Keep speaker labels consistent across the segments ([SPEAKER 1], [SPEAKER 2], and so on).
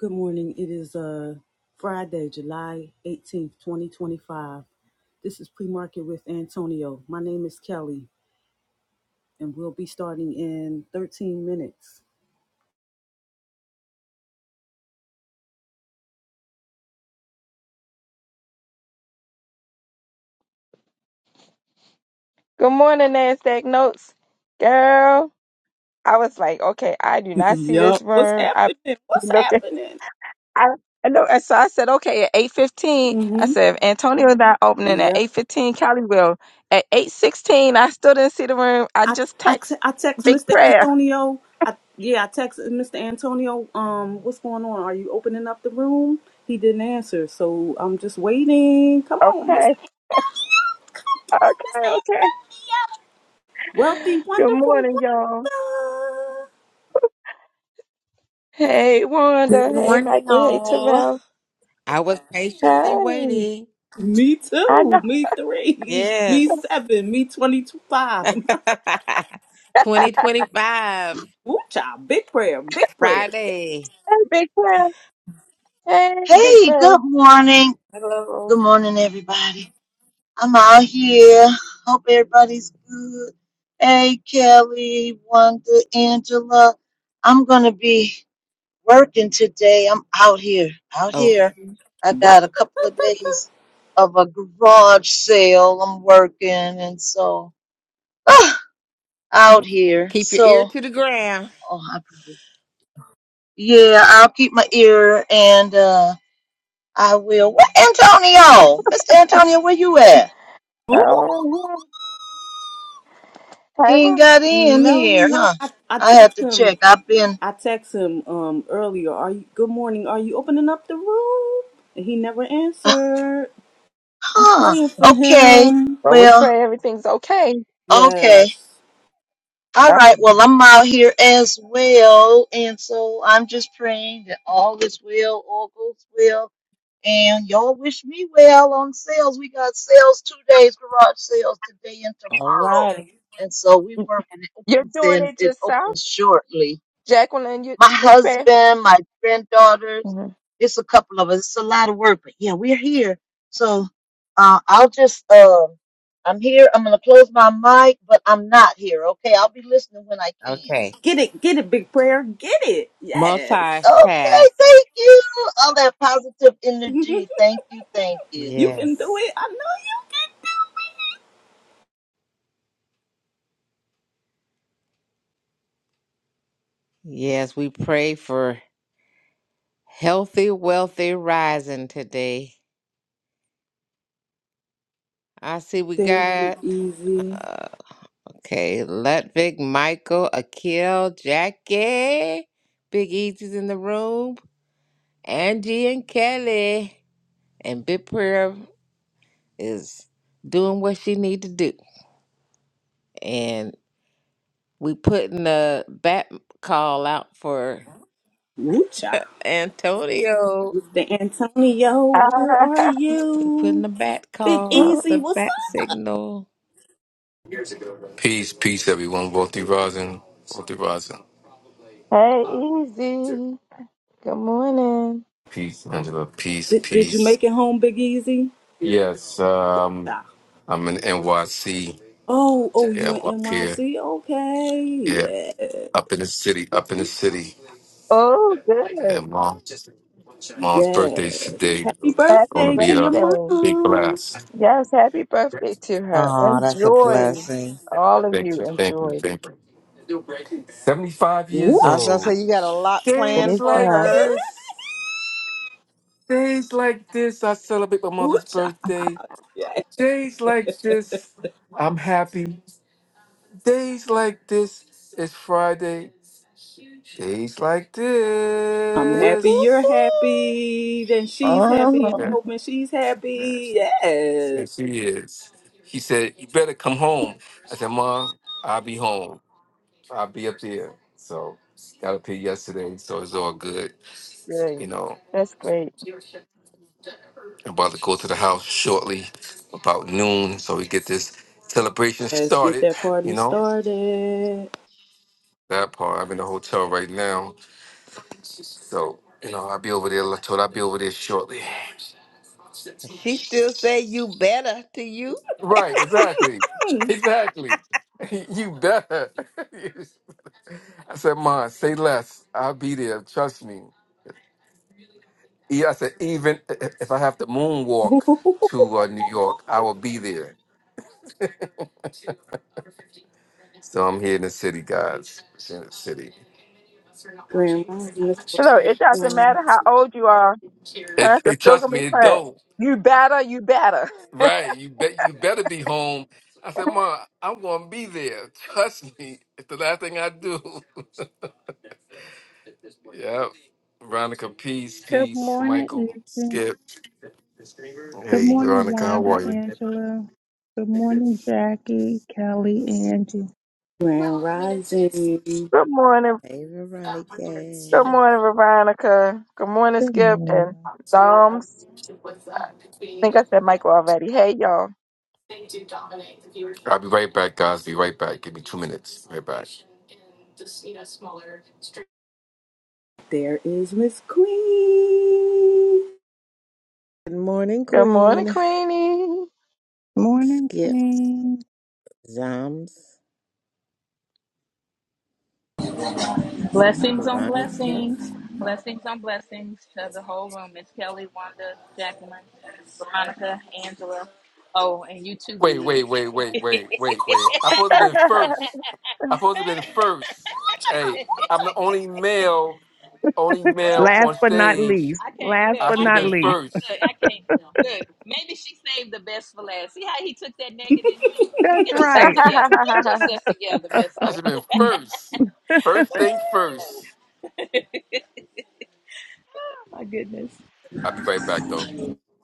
[SPEAKER 1] Good morning. It is uh, Friday, July 18th, 2025. This is pre market with Antonio. My name is Kelly, and we'll be starting in 13 minutes.
[SPEAKER 2] Good morning, NASDAQ Notes. Girl, I was like, okay, I do not see
[SPEAKER 1] Yup.
[SPEAKER 2] this
[SPEAKER 1] What's
[SPEAKER 2] room. I
[SPEAKER 1] happening? What's
[SPEAKER 2] look at
[SPEAKER 1] happening?
[SPEAKER 2] I, I know and so I said, okay, at eight fifteen, I
[SPEAKER 1] Mm-hmm.
[SPEAKER 2] said if Antonio's not opening at eight
[SPEAKER 1] Yup.
[SPEAKER 2] fifteen, Callie will. At eight sixteen, I still didn't see the room. I
[SPEAKER 1] I,
[SPEAKER 2] just
[SPEAKER 1] I, te-
[SPEAKER 2] text
[SPEAKER 1] I text
[SPEAKER 2] big
[SPEAKER 1] Mr.
[SPEAKER 2] prayer.
[SPEAKER 1] Antonio. I, yeah, I text Mr. Antonio, um, what's going on? Are you opening up the room? He didn't answer, so I'm just waiting. Come on,
[SPEAKER 2] Okay.
[SPEAKER 1] Mr.
[SPEAKER 2] Okay, okay.
[SPEAKER 1] Wealthy,
[SPEAKER 2] Good
[SPEAKER 1] wonderful
[SPEAKER 2] morning, y'all.
[SPEAKER 1] Wanda.
[SPEAKER 2] Hey
[SPEAKER 3] Good
[SPEAKER 2] Wanda. Hey
[SPEAKER 3] morning,
[SPEAKER 2] Michael. Hey
[SPEAKER 3] all.
[SPEAKER 2] Terrell.
[SPEAKER 3] I was patiently
[SPEAKER 2] Hey.
[SPEAKER 3] waiting.
[SPEAKER 1] Me
[SPEAKER 2] I
[SPEAKER 1] two,
[SPEAKER 2] know.
[SPEAKER 1] Me three.
[SPEAKER 3] Yes.
[SPEAKER 1] Me seven. Me twenty-five.
[SPEAKER 3] 2025,
[SPEAKER 1] Ooh, child. Big prayer. Big prayer.
[SPEAKER 3] Friday.
[SPEAKER 2] Hey Big Prayer. Hey Big
[SPEAKER 4] Hey,
[SPEAKER 2] Prayer.
[SPEAKER 4] good morning. Good
[SPEAKER 3] Hello.
[SPEAKER 4] morning, everybody. I'm out here. Hope everybody's good. Hey, Kelly, Wanda, Angela. I'm going to be working today. I'm out here. Out
[SPEAKER 3] Oh,
[SPEAKER 4] here. I got
[SPEAKER 1] What?
[SPEAKER 4] a couple of days of a garage sale. I'm working. And so, ah, out here.
[SPEAKER 3] keep your ear
[SPEAKER 4] So,
[SPEAKER 3] to the ground.
[SPEAKER 4] oh, I probably, yeah, I'll keep my ear and, uh, I will. Where Antonio? Mr. Antonio, where you at?
[SPEAKER 1] Ooh.
[SPEAKER 2] Uh-huh.
[SPEAKER 4] He
[SPEAKER 2] Tyra,
[SPEAKER 4] ain't got in
[SPEAKER 1] No,
[SPEAKER 4] here,
[SPEAKER 1] no.
[SPEAKER 4] huh?
[SPEAKER 1] I, I
[SPEAKER 4] I have
[SPEAKER 1] text
[SPEAKER 4] to
[SPEAKER 1] him.
[SPEAKER 4] check. I've been,
[SPEAKER 1] I text him um earlier. Are you? Good morning. Are you opening up the room? And he never answered. I'm
[SPEAKER 4] huh?
[SPEAKER 1] praying for
[SPEAKER 4] Okay.
[SPEAKER 1] him.
[SPEAKER 2] well, we
[SPEAKER 4] Well,
[SPEAKER 2] pray everything's okay.
[SPEAKER 4] okay.
[SPEAKER 1] Yes.
[SPEAKER 4] All right. Well,
[SPEAKER 2] Definitely.
[SPEAKER 4] I'm out here as well. And so I'm just praying that all is well, all goes well. And y'all wish me well on sales. We got sales two days, garage sales today and
[SPEAKER 3] All
[SPEAKER 4] tomorrow.
[SPEAKER 3] right.
[SPEAKER 4] And so we working. It
[SPEAKER 2] You're
[SPEAKER 4] opens
[SPEAKER 2] doing
[SPEAKER 4] in,
[SPEAKER 2] it
[SPEAKER 4] it
[SPEAKER 2] yourself,
[SPEAKER 4] opens shortly.
[SPEAKER 2] Jacqueline. You
[SPEAKER 4] my
[SPEAKER 2] big prayer.
[SPEAKER 4] husband, my granddaughters.
[SPEAKER 2] Mhm.
[SPEAKER 4] It's a couple of us. It's a lot of work, but yeah, we're here. So uh, I'll just, um, I'm here. I'm going to close my mic, but I'm not here. Okay. I'll be listening when I can.
[SPEAKER 3] Okay.
[SPEAKER 1] Get it. Get it. Big prayer. Get it. Yes.
[SPEAKER 4] Okay.
[SPEAKER 3] Multitask.
[SPEAKER 4] Thank you. All that positive energy.
[SPEAKER 1] you
[SPEAKER 4] Thank you. Thank you.
[SPEAKER 1] can do
[SPEAKER 3] Yes.
[SPEAKER 1] it. I know
[SPEAKER 3] Yes, we pray for healthy, wealthy rising today. I see we
[SPEAKER 1] There's Big
[SPEAKER 3] got.
[SPEAKER 1] Easy.
[SPEAKER 3] uh, Okay, Ludwig, Michael, Akil, Jackie, Big Easy's in the room, Angie and Kelly, and Big Prayer is doing what she need to do. And we putting a bat call out for
[SPEAKER 1] Woo cha.
[SPEAKER 3] Antonio.
[SPEAKER 1] Mr. Antonio,
[SPEAKER 2] Ah,
[SPEAKER 1] where are
[SPEAKER 3] We putting
[SPEAKER 1] you?
[SPEAKER 3] a bat
[SPEAKER 1] Big
[SPEAKER 3] call out,
[SPEAKER 1] Easy,
[SPEAKER 3] the
[SPEAKER 1] what's
[SPEAKER 3] bat
[SPEAKER 1] up?
[SPEAKER 3] signal.
[SPEAKER 5] Peace, peace, everyone. Wealthy Rising, Wealthy Rising.
[SPEAKER 2] hey, easy. Good morning.
[SPEAKER 5] Peace, Angela. Peace,
[SPEAKER 1] Did, did you
[SPEAKER 5] peace.
[SPEAKER 1] make it home, Big Easy?
[SPEAKER 5] Yes, um,
[SPEAKER 1] Cha.
[SPEAKER 5] I'm in NYC.
[SPEAKER 1] Oh, oh,
[SPEAKER 5] Yeah,
[SPEAKER 1] you in
[SPEAKER 5] I'm up here.
[SPEAKER 1] NYC?
[SPEAKER 5] Yeah,
[SPEAKER 1] Okay. Yes.
[SPEAKER 5] up in the city, up in the city.
[SPEAKER 2] Oh, good.
[SPEAKER 5] And mom, mom's birthday's
[SPEAKER 1] Yes.
[SPEAKER 5] today.
[SPEAKER 1] Happy
[SPEAKER 2] Happy
[SPEAKER 5] Going to
[SPEAKER 1] birthday to
[SPEAKER 5] be
[SPEAKER 1] your
[SPEAKER 5] a
[SPEAKER 2] birthday.
[SPEAKER 5] big
[SPEAKER 1] mom.
[SPEAKER 5] blast.
[SPEAKER 2] Yes, happy birthday to her.
[SPEAKER 3] Oh, that's a
[SPEAKER 2] Enjoy.
[SPEAKER 3] blessing.
[SPEAKER 2] All of
[SPEAKER 5] Thank
[SPEAKER 2] you
[SPEAKER 5] you, thank you,
[SPEAKER 2] enjoy.
[SPEAKER 5] thank you. 75
[SPEAKER 1] Woo
[SPEAKER 5] years
[SPEAKER 3] I was gonna
[SPEAKER 1] cha.
[SPEAKER 3] say
[SPEAKER 5] old.
[SPEAKER 3] you got a lot planned
[SPEAKER 2] Praise
[SPEAKER 5] Days
[SPEAKER 3] for
[SPEAKER 5] like
[SPEAKER 2] God.
[SPEAKER 3] her.
[SPEAKER 5] this, days like this, I celebrate my
[SPEAKER 1] Woo
[SPEAKER 5] mother's
[SPEAKER 1] cha.
[SPEAKER 5] birthday.
[SPEAKER 1] Yeah.
[SPEAKER 5] Days like this, I'm happy. Days like this, it's Friday. Days like
[SPEAKER 1] I'm
[SPEAKER 3] Whoop
[SPEAKER 1] happy
[SPEAKER 3] whoop
[SPEAKER 1] you're
[SPEAKER 5] this.
[SPEAKER 3] whoop.
[SPEAKER 1] happy. Then she's happy. I'm
[SPEAKER 5] Yeah,
[SPEAKER 2] Mhm.
[SPEAKER 1] hoping she's happy.
[SPEAKER 5] yeah,
[SPEAKER 1] Yes.
[SPEAKER 5] she is. He said, You better come home. I said, Mom, I'll be home. I'll be up there. So, got up here yesterday, so it's all good.
[SPEAKER 2] Great.
[SPEAKER 5] You know,
[SPEAKER 2] That's great.
[SPEAKER 5] I'm about to go to the house shortly, about noon, so we get this celebration
[SPEAKER 1] Let's get
[SPEAKER 5] started.
[SPEAKER 1] that party
[SPEAKER 5] You know,
[SPEAKER 1] started.
[SPEAKER 5] that part. I'm in the hotel right now So, you know, I'll be over there. I told I'll be over there shortly.
[SPEAKER 3] She still say you better to you.
[SPEAKER 5] Right, exactly. Exactly. You better. I said, Ma, say less. I'll be there. Trust me. Yeah, I said, even i- if I have to moonwalk to uh, New York, I will be there. So I'm here in the city, guys. It's in the city.
[SPEAKER 1] Grand Rising, Miss
[SPEAKER 2] Look, it doesn't
[SPEAKER 1] Veronica.
[SPEAKER 2] matter how old you are.
[SPEAKER 5] It,
[SPEAKER 2] Parents are
[SPEAKER 5] it
[SPEAKER 2] still
[SPEAKER 5] trust
[SPEAKER 2] going to
[SPEAKER 5] me,
[SPEAKER 2] be
[SPEAKER 5] it
[SPEAKER 2] parents.
[SPEAKER 5] don't.
[SPEAKER 2] You better, you better.
[SPEAKER 5] Right. You bet you better be home. I said, Mom, I'm gonna be there. Trust me. It's the last thing I do. yep. Veronica, peace,
[SPEAKER 6] Good
[SPEAKER 5] peace,
[SPEAKER 6] morning,
[SPEAKER 5] Michael,
[SPEAKER 6] Ethan.
[SPEAKER 5] Skip.
[SPEAKER 6] Good
[SPEAKER 5] Hey
[SPEAKER 6] morning,
[SPEAKER 5] Veronica, how
[SPEAKER 6] Wanda,
[SPEAKER 5] are you?
[SPEAKER 6] Angela. Good morning, Jackie, Kelly, Angie.
[SPEAKER 1] Grand Rising.
[SPEAKER 2] Good morning.
[SPEAKER 3] Hey,
[SPEAKER 2] Good
[SPEAKER 3] Veronica.
[SPEAKER 2] morning, Veronica. Good morning,
[SPEAKER 6] Good
[SPEAKER 2] Skip and
[SPEAKER 6] morning.
[SPEAKER 2] Psalms. I think I said Michael already. Hey, y'all.
[SPEAKER 5] I'll be right back, guys. Be right back. Give me two minutes. Right back.
[SPEAKER 1] There is Miss Queen.
[SPEAKER 3] Good morning,
[SPEAKER 2] Good morning,
[SPEAKER 3] Queen.
[SPEAKER 2] Queenie.
[SPEAKER 6] Morning,
[SPEAKER 3] Skip,
[SPEAKER 6] Queen.
[SPEAKER 3] Zams,
[SPEAKER 7] Blessings on
[SPEAKER 3] Veronica.
[SPEAKER 7] blessings. Blessings on blessings to the whole room. Miss Kelly, Wanda, Jacqueline, Veronica, Angela. Oh, and you too,
[SPEAKER 5] Wait, wait,
[SPEAKER 7] Big.
[SPEAKER 5] wait, wait, wait, wait, wait. I supposed to
[SPEAKER 2] Good
[SPEAKER 5] have been first. I supposed to have been first. Hey, I'm the only male, only male on
[SPEAKER 6] Last but not
[SPEAKER 5] stage.
[SPEAKER 6] least,
[SPEAKER 7] I can't
[SPEAKER 6] last
[SPEAKER 7] look.
[SPEAKER 5] I
[SPEAKER 6] but
[SPEAKER 5] should have
[SPEAKER 7] I
[SPEAKER 6] not
[SPEAKER 5] been
[SPEAKER 7] can't. I
[SPEAKER 6] least.
[SPEAKER 7] can't look.
[SPEAKER 5] first.
[SPEAKER 7] I can't look. Maybe she saved the best for last. See how he took that negatively.
[SPEAKER 6] That's
[SPEAKER 7] Get yourself
[SPEAKER 6] right.
[SPEAKER 7] together. Get yourself together,
[SPEAKER 5] I
[SPEAKER 7] Mister.
[SPEAKER 5] should have been first. First thing first.
[SPEAKER 7] My goodness.
[SPEAKER 5] I'll be right back though.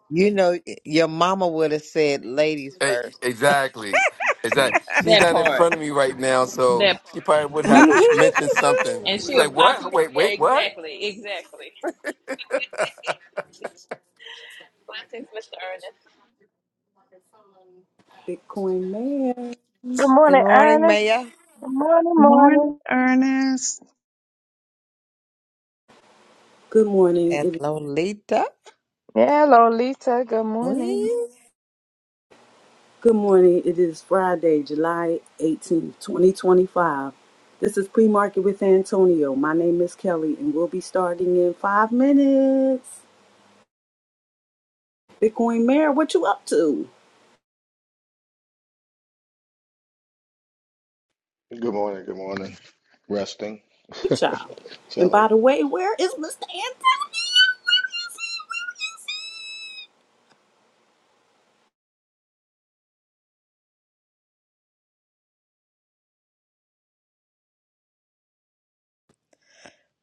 [SPEAKER 3] You know, your mama would have said ladies
[SPEAKER 5] Hey,
[SPEAKER 3] first.
[SPEAKER 5] exactly. Exactly. She's
[SPEAKER 7] That
[SPEAKER 5] not in
[SPEAKER 7] part.
[SPEAKER 5] front of me right now, so
[SPEAKER 7] That
[SPEAKER 5] she
[SPEAKER 7] part.
[SPEAKER 5] probably would have mentioned something.
[SPEAKER 7] And
[SPEAKER 5] She's
[SPEAKER 7] she'll
[SPEAKER 5] like,
[SPEAKER 7] pop
[SPEAKER 5] "What?
[SPEAKER 7] you.
[SPEAKER 5] Wait,
[SPEAKER 7] Yeah,
[SPEAKER 5] wait, what?"
[SPEAKER 7] exactly. Exactly. Blessings, Mr. Ernest.
[SPEAKER 1] Bitcoin Mayor.
[SPEAKER 3] Good
[SPEAKER 2] morning,
[SPEAKER 3] morning,
[SPEAKER 2] Ernest.
[SPEAKER 3] Mayor
[SPEAKER 2] Good morning,
[SPEAKER 6] Morning,
[SPEAKER 2] morning.
[SPEAKER 6] Ernest.
[SPEAKER 1] Good morning.
[SPEAKER 3] and
[SPEAKER 1] It, is,
[SPEAKER 3] Lolita.
[SPEAKER 2] Yeah, Lolita. Good morning.
[SPEAKER 3] Queen?
[SPEAKER 1] good morning. It is Friday, July 18th, 2025. This is Pre Market with Antonio. My name is Kelly, and we'll be starting in five minutes. Bitcoin Mayor, what you up to?
[SPEAKER 8] Good morning, good morning. Resting,
[SPEAKER 1] Good job. And
[SPEAKER 8] chilling.
[SPEAKER 1] by the way, where is Mr. Antonio?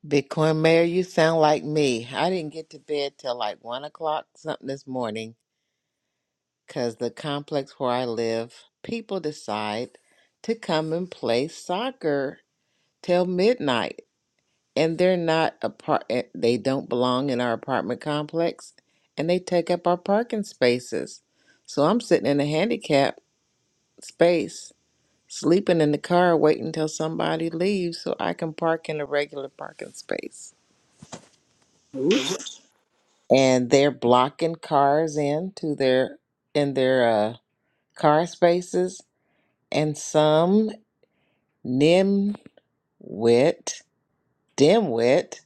[SPEAKER 3] Bitcoin Mayor, you sound like me. I didn't get to bed till like one o'clock something this morning because the complex where I live, people decide to come and play soccer till midnight. and they're not a part eh, they don't belong in our apartment complex and they take up our parking spaces so i'm sitting in a handicap space sleeping in the car waiting till somebody leaves so i can park in a regular parking space
[SPEAKER 1] Ooh, child.
[SPEAKER 3] and they're blocking cars in to their in their uh, car spaces and some nimwit dimwit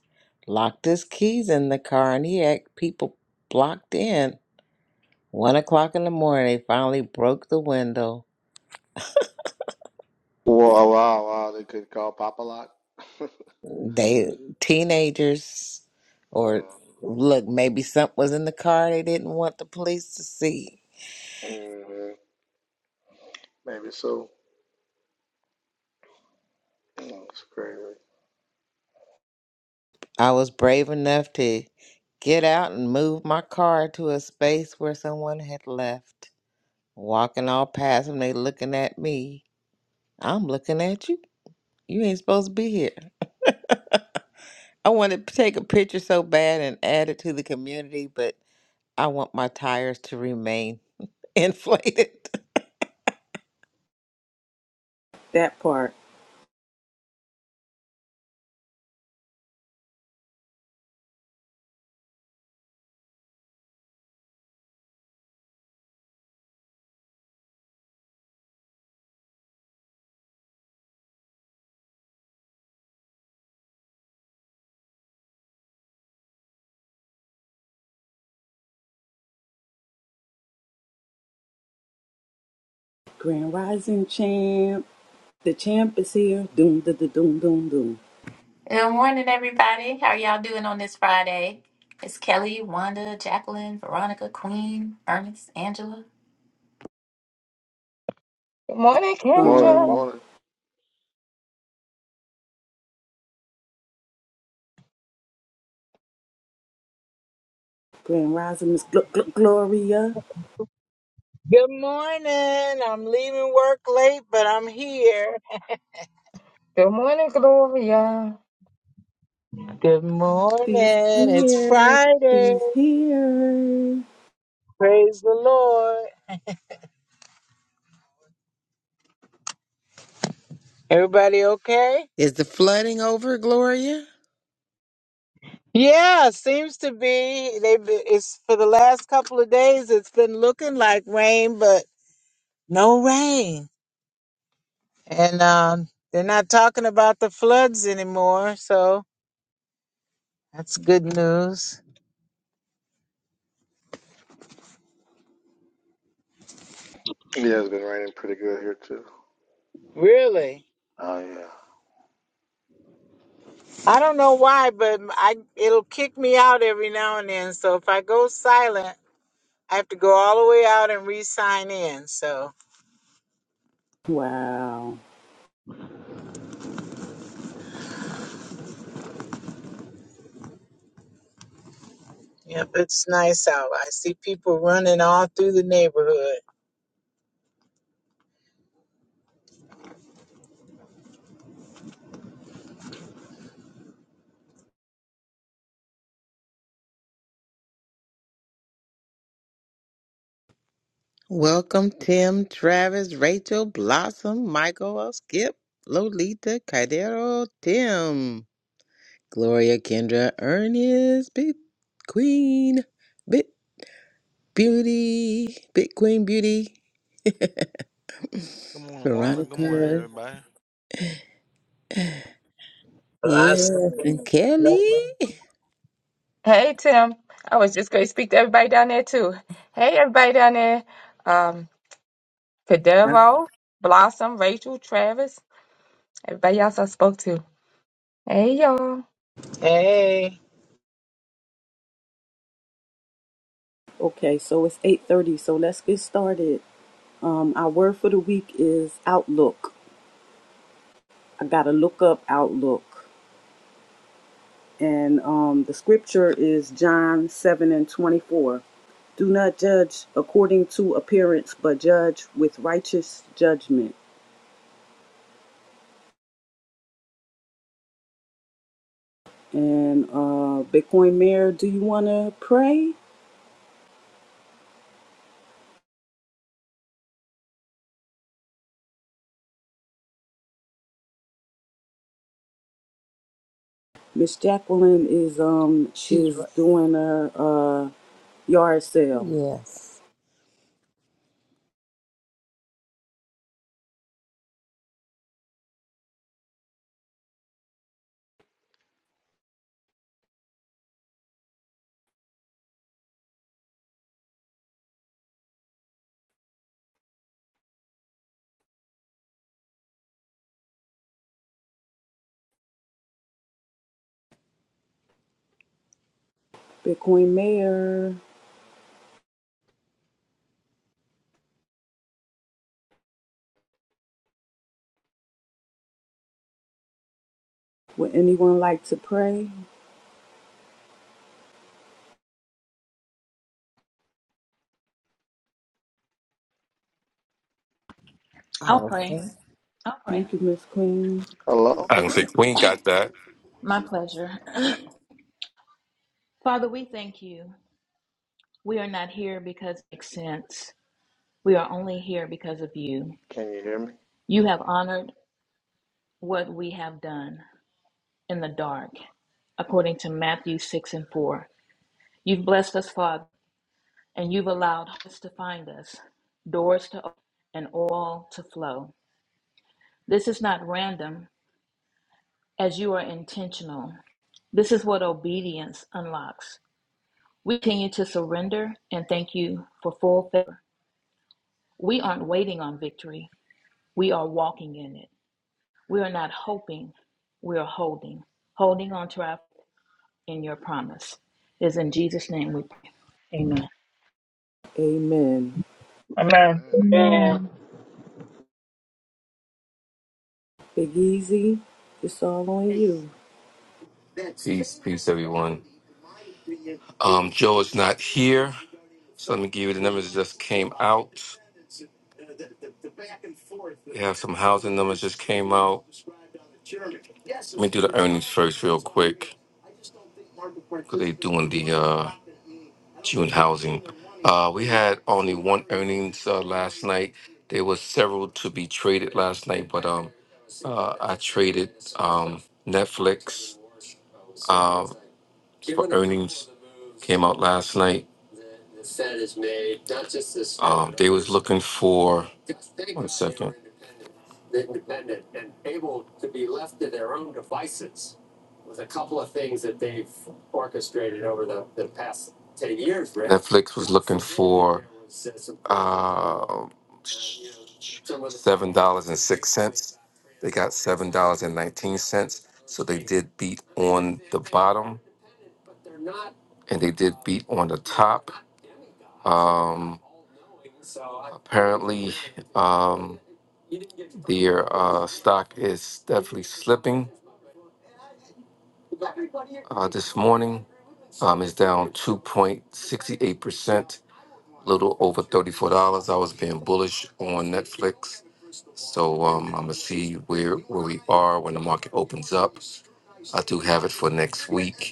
[SPEAKER 3] locked his keys in the car and he had people blocked in One o'clock in the morning, they finally broke the window.
[SPEAKER 8] For a while, while they could call Papa Lock.
[SPEAKER 3] They teenagers, or
[SPEAKER 8] uh,
[SPEAKER 3] look, maybe something was in the car they didn't want the police to see.
[SPEAKER 8] mhm, Maybe so. No, it's crazy.
[SPEAKER 3] I was brave enough to get out and move my car to a space where someone had left. Walking all past them, they looking at me. I'm looking at you. You ain't supposed to be here. I want to take a picture so bad and add it to the community, but I want my tires to remain inflated.
[SPEAKER 1] That part. Grand Rising Champ. The champ is here. Doom, da, da, doom, doom, doom.
[SPEAKER 9] Good morning, everybody. How are y'all doing on this Friday? It's Kelly, Wanda, Jacqueline, Veronica, Queen, Ernest, Angela.
[SPEAKER 2] Good morning,
[SPEAKER 8] Good morning, good
[SPEAKER 2] Kendra.
[SPEAKER 1] Um,
[SPEAKER 8] morning.
[SPEAKER 1] Grand Rising Miss Gl- Gl- Gloria.
[SPEAKER 10] Good morning. I'm leaving work late, but I'm here.
[SPEAKER 2] Good morning, Gloria.
[SPEAKER 10] Good
[SPEAKER 1] She's
[SPEAKER 10] morning. It's
[SPEAKER 1] here.
[SPEAKER 10] Friday.
[SPEAKER 1] She's here.
[SPEAKER 10] Praise the Lord. Everybody okay?
[SPEAKER 3] Is the flooding over, Gloria?
[SPEAKER 10] Yeah, seems to be. They've it's for the last couple of days it's been looking like rain, but no rain. And um they're not talking about the floods anymore, so that's good news.
[SPEAKER 8] Yeah, it's been raining pretty good here too.
[SPEAKER 10] Really?
[SPEAKER 8] Oh yeah.
[SPEAKER 10] I don't know why, but I it'll kick me out every now and then. So if I go silent, I have to go all the way out and re-sign in. So
[SPEAKER 1] Wow.
[SPEAKER 10] yep, it's nice out. I see people running all through the neighborhood.
[SPEAKER 3] Welcome, Tim, Travis, Rachel, Blossom, Michael, Skip, Lolita, Caidero, Tim, Gloria, Kendra, Ernest, Big Queen, Big Beauty, Big Queen Beauty,
[SPEAKER 11] Good morning, Wanda. Good morning,
[SPEAKER 3] Veronica,
[SPEAKER 11] everybody.
[SPEAKER 10] Well, I see.
[SPEAKER 3] yes, and Kelly.
[SPEAKER 2] Hey, Tim. I was just going to speak to everybody down there, too. Hey, everybody down there. Um,
[SPEAKER 3] Huh?
[SPEAKER 2] Padevo, Blossom, Rachel, Travis, everybody else I spoke to. Hey y'all.
[SPEAKER 10] Hey.
[SPEAKER 1] Okay, so it's 8.30, so let's get started. Um, our word for the week is outlook. I gotta look up outlook. And um, the scripture is John 7 and 24. Do not judge according to appearance, but judge with righteous judgment. And uh, Bitcoin Mayor, do you want to pray? Miss Jacqueline is um
[SPEAKER 3] She's
[SPEAKER 1] is
[SPEAKER 3] right.
[SPEAKER 1] doing a, uh yard sale.
[SPEAKER 3] Yes.
[SPEAKER 1] Bitcoin Mayor, would anyone like to pray?
[SPEAKER 7] I'll pray.
[SPEAKER 3] Awesome.
[SPEAKER 7] I'll pray.
[SPEAKER 1] Thank you, Miss Queen.
[SPEAKER 8] Hello?
[SPEAKER 5] I don't say Queen got that.
[SPEAKER 7] My pleasure. Father, we thank you. We are not here because it makes sense. We are only here because of you.
[SPEAKER 8] Can you hear me?
[SPEAKER 7] You have honored what we have done in the dark, according to Matthew 6 and 4. You've blessed us, Father, and you've allowed us to find us, doors to open, and oil to flow. This is not random. as you are intentional. This is what obedience unlocks. We continue to surrender and thank you for full favor. We aren't waiting on victory, we are walking in it. We are not hoping, we are holding, holding on to our in your promise. It is in Jesus' name we pray. Amen.
[SPEAKER 1] Amen.
[SPEAKER 2] Amen.
[SPEAKER 8] Amen, amen.
[SPEAKER 10] Yeah.
[SPEAKER 1] Big Easy, it's all on you.
[SPEAKER 5] Peace, peace, everyone. Um, Joe is not here. So let me give you the numbers that just came out. We have some housing numbers just came out. Let me do the earnings first, real quick, because they're doing the uh, June housing. Uh, we had only one earnings uh, last night. There was several to be traded last night, but um, uh, I traded um, Netflix. uh, for earnings came out last night. Um, they was looking for one second. Netflix was looking for uh, seven dollars and six cents. They got seven dollars and nineteen cents. So they did beat on the bottom, and they did beat on the top. Um, Apparently, um, their uh, stock is definitely slipping. Uh, this morning, um, it's down 2.68%, a little over $34. I was being bullish on Netflix. So um, I'm going to see where, where we are when the market opens up. I do have it for next week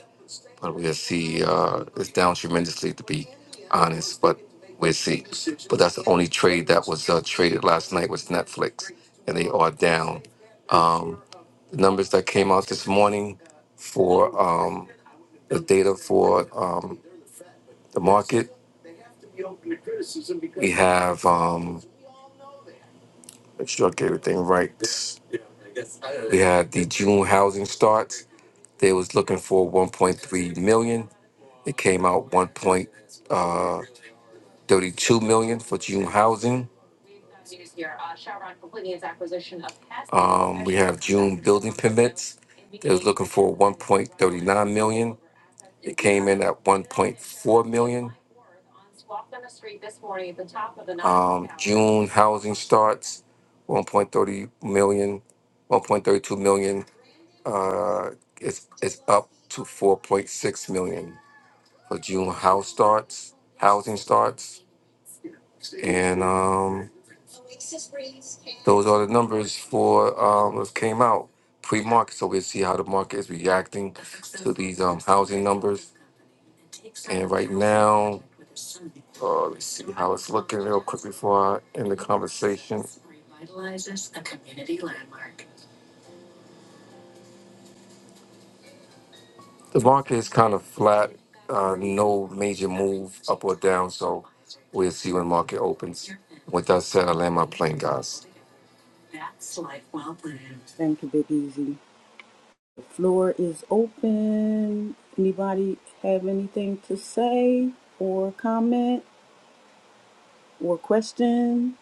[SPEAKER 5] but we'll see. Uh, it's down tremendously, to be honest, but we'll see. But that's the only trade that was uh, traded last night was Netflix, and they are down. Um, the numbers that came out this morning for um, the data for um, the market, we have, um, make sure I get everything right. We had the June housing starts. They was looking for 1.3 million. It came out 1.2. 32 million for June housing. Um, we have June building permits. They was looking for 1.39 million. It came in at 1.4 million. Um, June housing starts 1.30 million, 1.32 million. Uh, it's it's up to 4.6 million for June house starts, housing starts. And um, those are the numbers for um, what came out pre-market. So we'll see how the market is reacting to these um, housing numbers. And right now, uh, let's see how it's looking real quick before I end the conversation. The market is kind of flat, uh, no major move up or down. So we'll see when the market opens. With that said, I land my plane, guys.
[SPEAKER 1] Thank you, Big Easy. Floor is open. Anybody have anything to say or comment or question?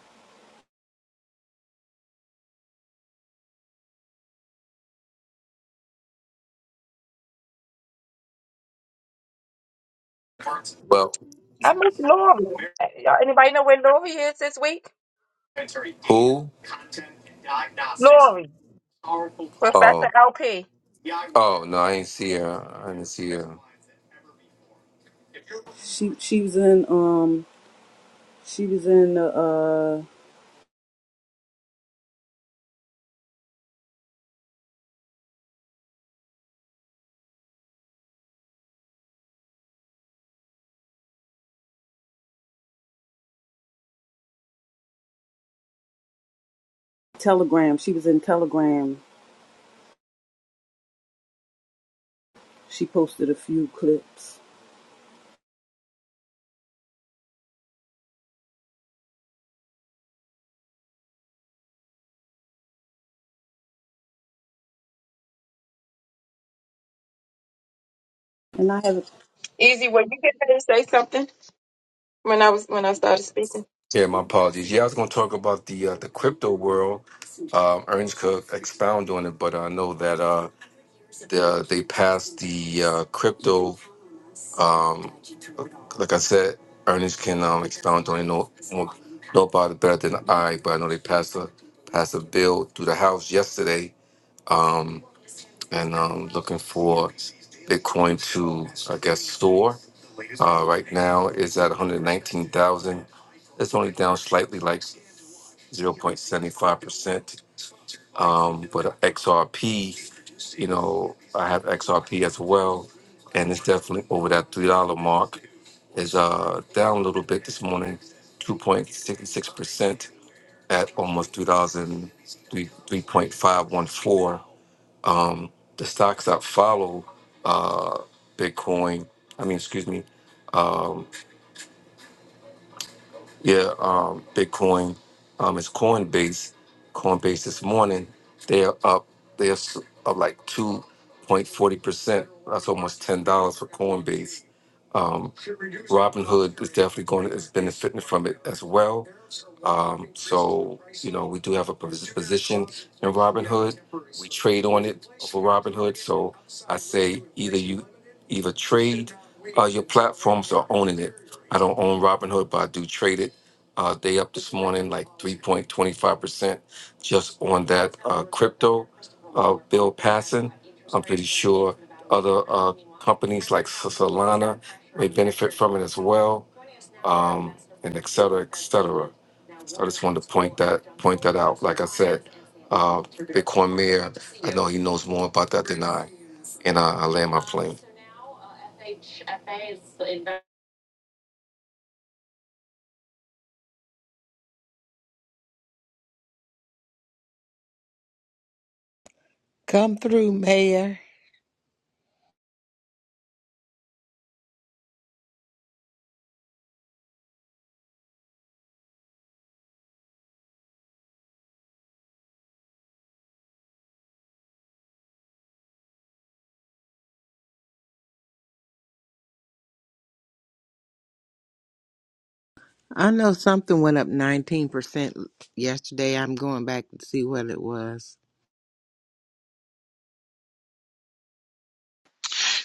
[SPEAKER 5] Well,
[SPEAKER 2] I miss Lori. Y'all, anybody know where Lori is this week?
[SPEAKER 5] who?
[SPEAKER 2] Lori, Professor
[SPEAKER 5] Oh,
[SPEAKER 2] LP.
[SPEAKER 5] oh no, I ain't see her. I didn't see her.
[SPEAKER 1] She she was in um she was in uh uh, Telegram. She was in Telegram. She posted a few clips. And I have
[SPEAKER 2] Easy, were you getting ready to say something when I was when I started speaking?
[SPEAKER 5] Yeah, my apologies. Yeah, I was going to talk about the uh, the crypto world. Um, Ernst could expound on it, but I know that uh, the, uh, they passed the uh, crypto. Um, like I said, Ernest can um, expound on it. Know, more- know about it better than I, but I know they passed a passed a bill through the House yesterday, um, and um, looking for Bitcoin to I guess soar. Uh, right now, it's at one hundred nineteen thousand. It's only down slightly, like 0.75%. Um, but XRP, you know, I have XRP as well, and it's definitely over that $3 mark. Is uh, down a little bit this morning, 2.66% at almost 3 thousand three three point five one four. Um, the stocks that follow uh, Bitcoin, I mean, excuse me, um, Yeah, um, Bitcoin. Um, it's Coinbase. Coinbase this morning, they are up. They are s- up like two point forty percent. That's almost ten dollars for Coinbase. Um, Robinhood is definitely going. to Is benefiting from it as well. Um, so you know we do have a pos- position in Robinhood. We trade on it for Robinhood. So I say either you either trade uh, your platforms or owning it. I don't own Robinhood, but I do trade it uh, they up this morning like 3.25% just on that uh, crypto uh, bill passing. I'm pretty sure other uh, companies like S- Solana may benefit from it as well, um, and et cetera, et cetera. So I just wanted to point that point that out. Like I said, uh, Bitcoin Mayor, I know he knows more about that than I, and I, I land my plane.
[SPEAKER 3] Come through, Mayor. I know something went up 19% yesterday. I'm going back to see what it was.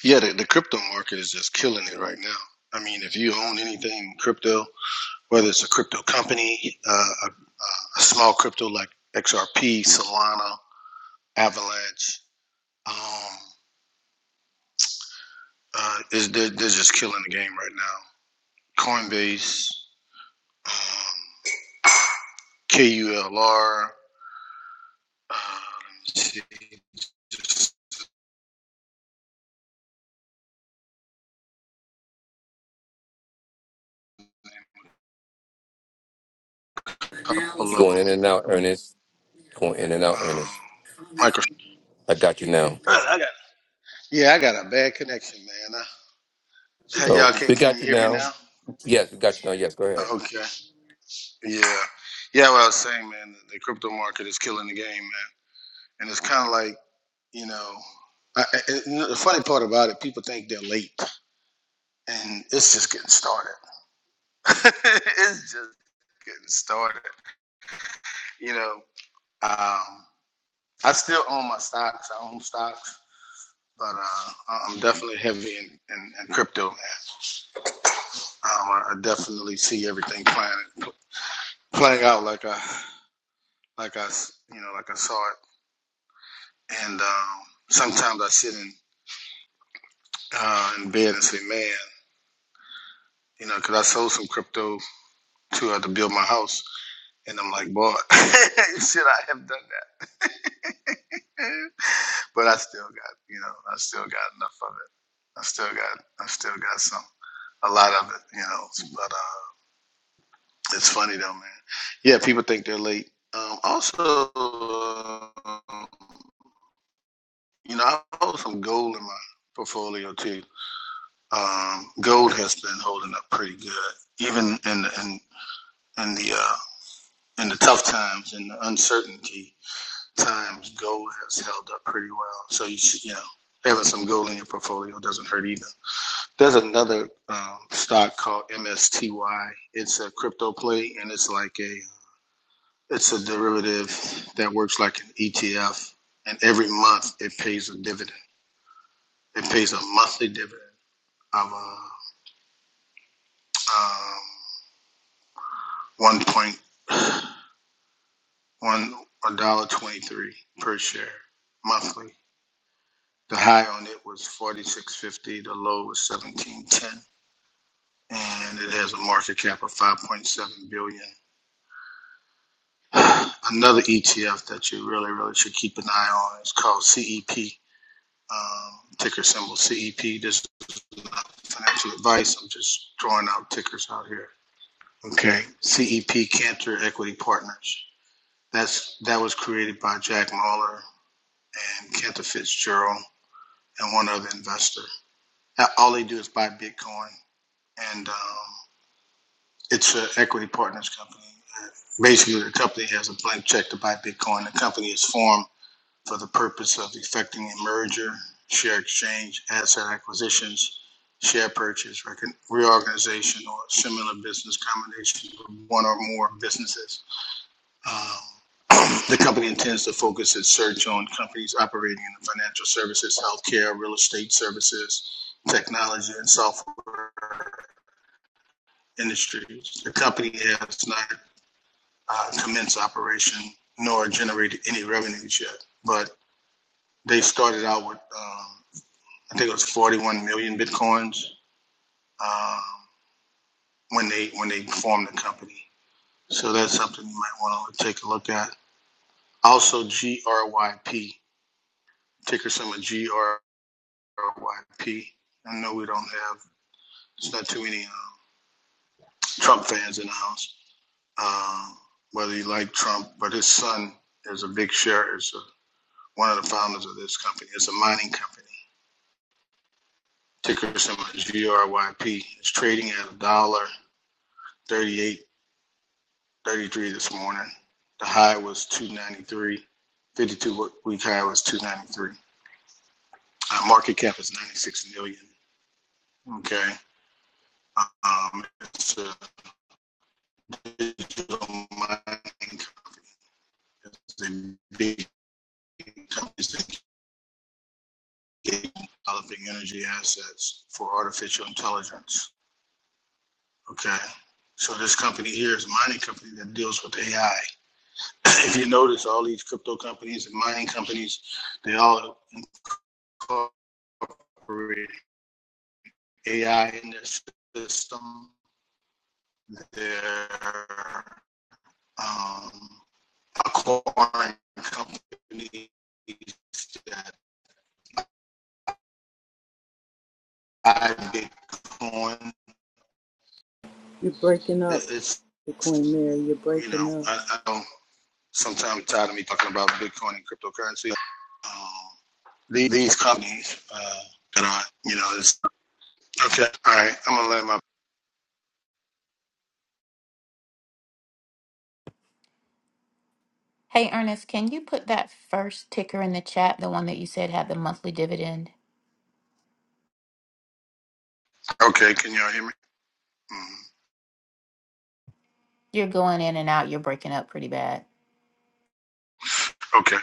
[SPEAKER 8] Yeah, the, the crypto market is just killing it right now. I mean, if you own anything crypto, whether it's a crypto company, uh, a, a small crypto like XRP, Solana, Avalanche, um, Uh, is they're, they're just killing the game right now. Coinbase, um, KULR, uh, let me see, just a couple
[SPEAKER 5] You
[SPEAKER 8] of them.
[SPEAKER 5] going in and out, Ernest. Going in and out,
[SPEAKER 8] Um,
[SPEAKER 5] Ernest.
[SPEAKER 8] micro.
[SPEAKER 5] I got you now.
[SPEAKER 8] I I got, yeah, I got a bad connection, man. Uh, hey, y'all,
[SPEAKER 5] Oh,
[SPEAKER 8] can
[SPEAKER 5] we
[SPEAKER 8] can
[SPEAKER 5] got
[SPEAKER 8] you
[SPEAKER 5] you
[SPEAKER 8] hear me
[SPEAKER 5] now.
[SPEAKER 8] now?
[SPEAKER 5] Yes, we got you now. Yes, go ahead.
[SPEAKER 8] Okay. Yeah. Yeah, what I was saying, man, the crypto market is killing the game, man. And it's kind of like, you know, I, I- and the funny part about it, people think they're late, and it's just getting started. it's just getting started. You know, um, I still own my stocks. I own stocks, but uh, I- am definitely heavy in, in, in crypto. Um, I I definitely see everything playing playing out like I like I s- you know like I saw it. And um, sometimes I sit in uh, in bed and say, man, you know, because I sold some crypto to uh, to build my house, and I'm like, boy, should I have done that? But I still got, you know, I still got enough of it. I still got, I still got some, a lot of it, you know. But uh, it's funny though, man. Yeah, people think they're late. Um, also, um, you know, I hold some gold in my portfolio too. Um, gold has been holding up pretty good, even in the, in in the uh, in the tough times and the uncertainty times. Gold has held up pretty well. So you should, you know, having some gold in your portfolio doesn't hurt either. There's another um, stock called MSTY. It's a crypto play, and it's like a it's a derivative that works like an ETF. And every month it pays a dividend. It pays a monthly dividend of uh, um, one point one a dollar twenty three per share monthly. The high on it was forty six fifty. The low was seventeen ten, and it has a market cap of five point seven billion. Another ETF that you really, really should keep an eye on is called CEP, um, ticker symbol CEP. This is not financial advice. I'm just drawing out tickers out here. Okay, CEP Cantor Equity Partners. That's that was created by Jack Mahler and Cantor Fitzgerald and one other investor. Uh, All they do is buy Bitcoin, and um, it's an equity partners company. Uh, Basically, the company has a blank check to buy Bitcoin. The company is formed for the purpose of effecting a merger, share exchange, asset acquisitions, share purchase, recon- reorganization, or similar business combination with one or more businesses. Um, The company intends to focus its search on companies operating in the financial services, healthcare, real estate services, technology, and software industries. The company has not uh, commenced operation nor generated any revenues yet, but they started out with um, I think it was 41 million bitcoins um, when they when they formed the company. So that's something you might want to take a look at. Also, GRYP ticker symbol G R Y P. I know we don't have it's not too many um, Trump fans in the house. Um, whether you like Trump, but his son is a big share. Is a, one of the founders of this company. It's a mining company. Ticker symbol GRYP. It's trading at a dollar 38 33 this morning. The high was 293. 52 week high was 293. Uh, market cap is 96 million. Okay. Um, it's a digital mining company. It's a big company that is developing energy assets for artificial intelligence. Okay. So this company here is a mining company that deals with AI. if you notice, all these crypto companies and mining companies, they all incorporate AI in their system, their um, acquiring companies that buy Bitcoin.
[SPEAKER 1] you're breaking up,
[SPEAKER 8] It- It's,
[SPEAKER 1] the Queen Mary. You're
[SPEAKER 8] you know,
[SPEAKER 1] breaking up.
[SPEAKER 8] I, I don't sometimes tired of me talking about Bitcoin and cryptocurrency. Um, these, these companies uh, that are, you know, it's okay. All right, I'm gonna let my
[SPEAKER 9] Hey, Ernest, can you put that first ticker in the chat, the one that you said had the monthly dividend?
[SPEAKER 8] okay. Can y'all hear me? Mm,
[SPEAKER 9] You're going in and out. You're breaking up pretty bad.
[SPEAKER 8] okay.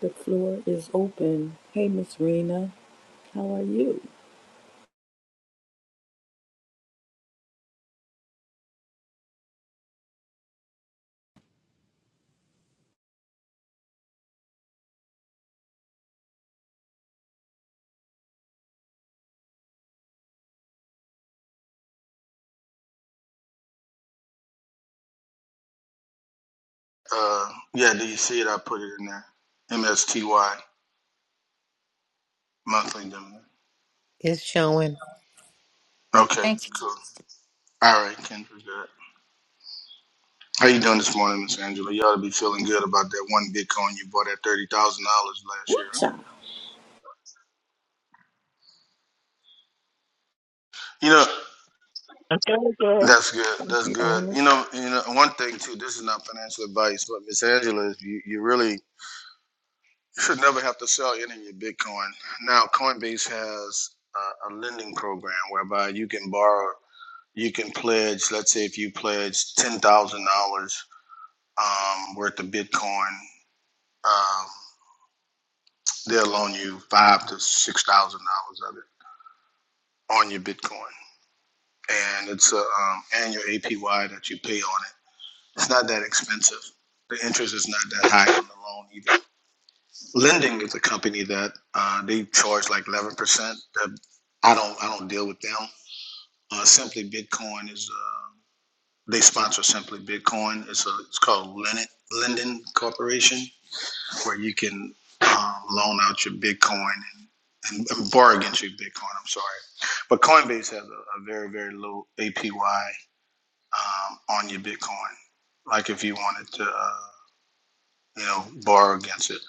[SPEAKER 1] The floor is open. Hey, Miss Rena, how are you?
[SPEAKER 8] Uh, yeah, do you see it? I put it in there. MSTY monthly dividend.
[SPEAKER 3] It's showing.
[SPEAKER 9] Yeah,
[SPEAKER 8] Okay,
[SPEAKER 9] thank you.
[SPEAKER 8] cool. All right, Kendra, good. How you doing this morning, Miss Angela? You ought to be feeling good about that one Bitcoin you bought at thirty thousand dollars last
[SPEAKER 1] Woo
[SPEAKER 8] year. huh?
[SPEAKER 1] child.
[SPEAKER 8] You know,
[SPEAKER 2] Okay, girl.
[SPEAKER 8] that's good.
[SPEAKER 2] Thank
[SPEAKER 8] That's
[SPEAKER 2] you,
[SPEAKER 8] good. You
[SPEAKER 2] Ernest.
[SPEAKER 8] know, you know, one thing too. This is not financial advice, but Miss Angela, is you you really should never have to sell any of your Bitcoin. Now, Coinbase has a, a lending program whereby you can borrow, you can pledge. Let's say if you pledge ten thousand dollars um, worth of Bitcoin. Um, they'll loan you five to six thousand dollars of it on your Bitcoin, and it's a um, annual APY that you pay on it. It's not that expensive. The interest is not that high on the loan either. Lending is a company that uh, they charge like eleven percent. I don't I don't deal with them. Uh, Simply Bitcoin is uh, they sponsor Simply Bitcoin. It's a it's called Lennon Linden Corporation where you can um, loan out your Bitcoin and, and borrow against your Bitcoin. I'm sorry, but Coinbase has a, a very very low APY um, on your Bitcoin. Like if you wanted to, uh, you know, borrow against it.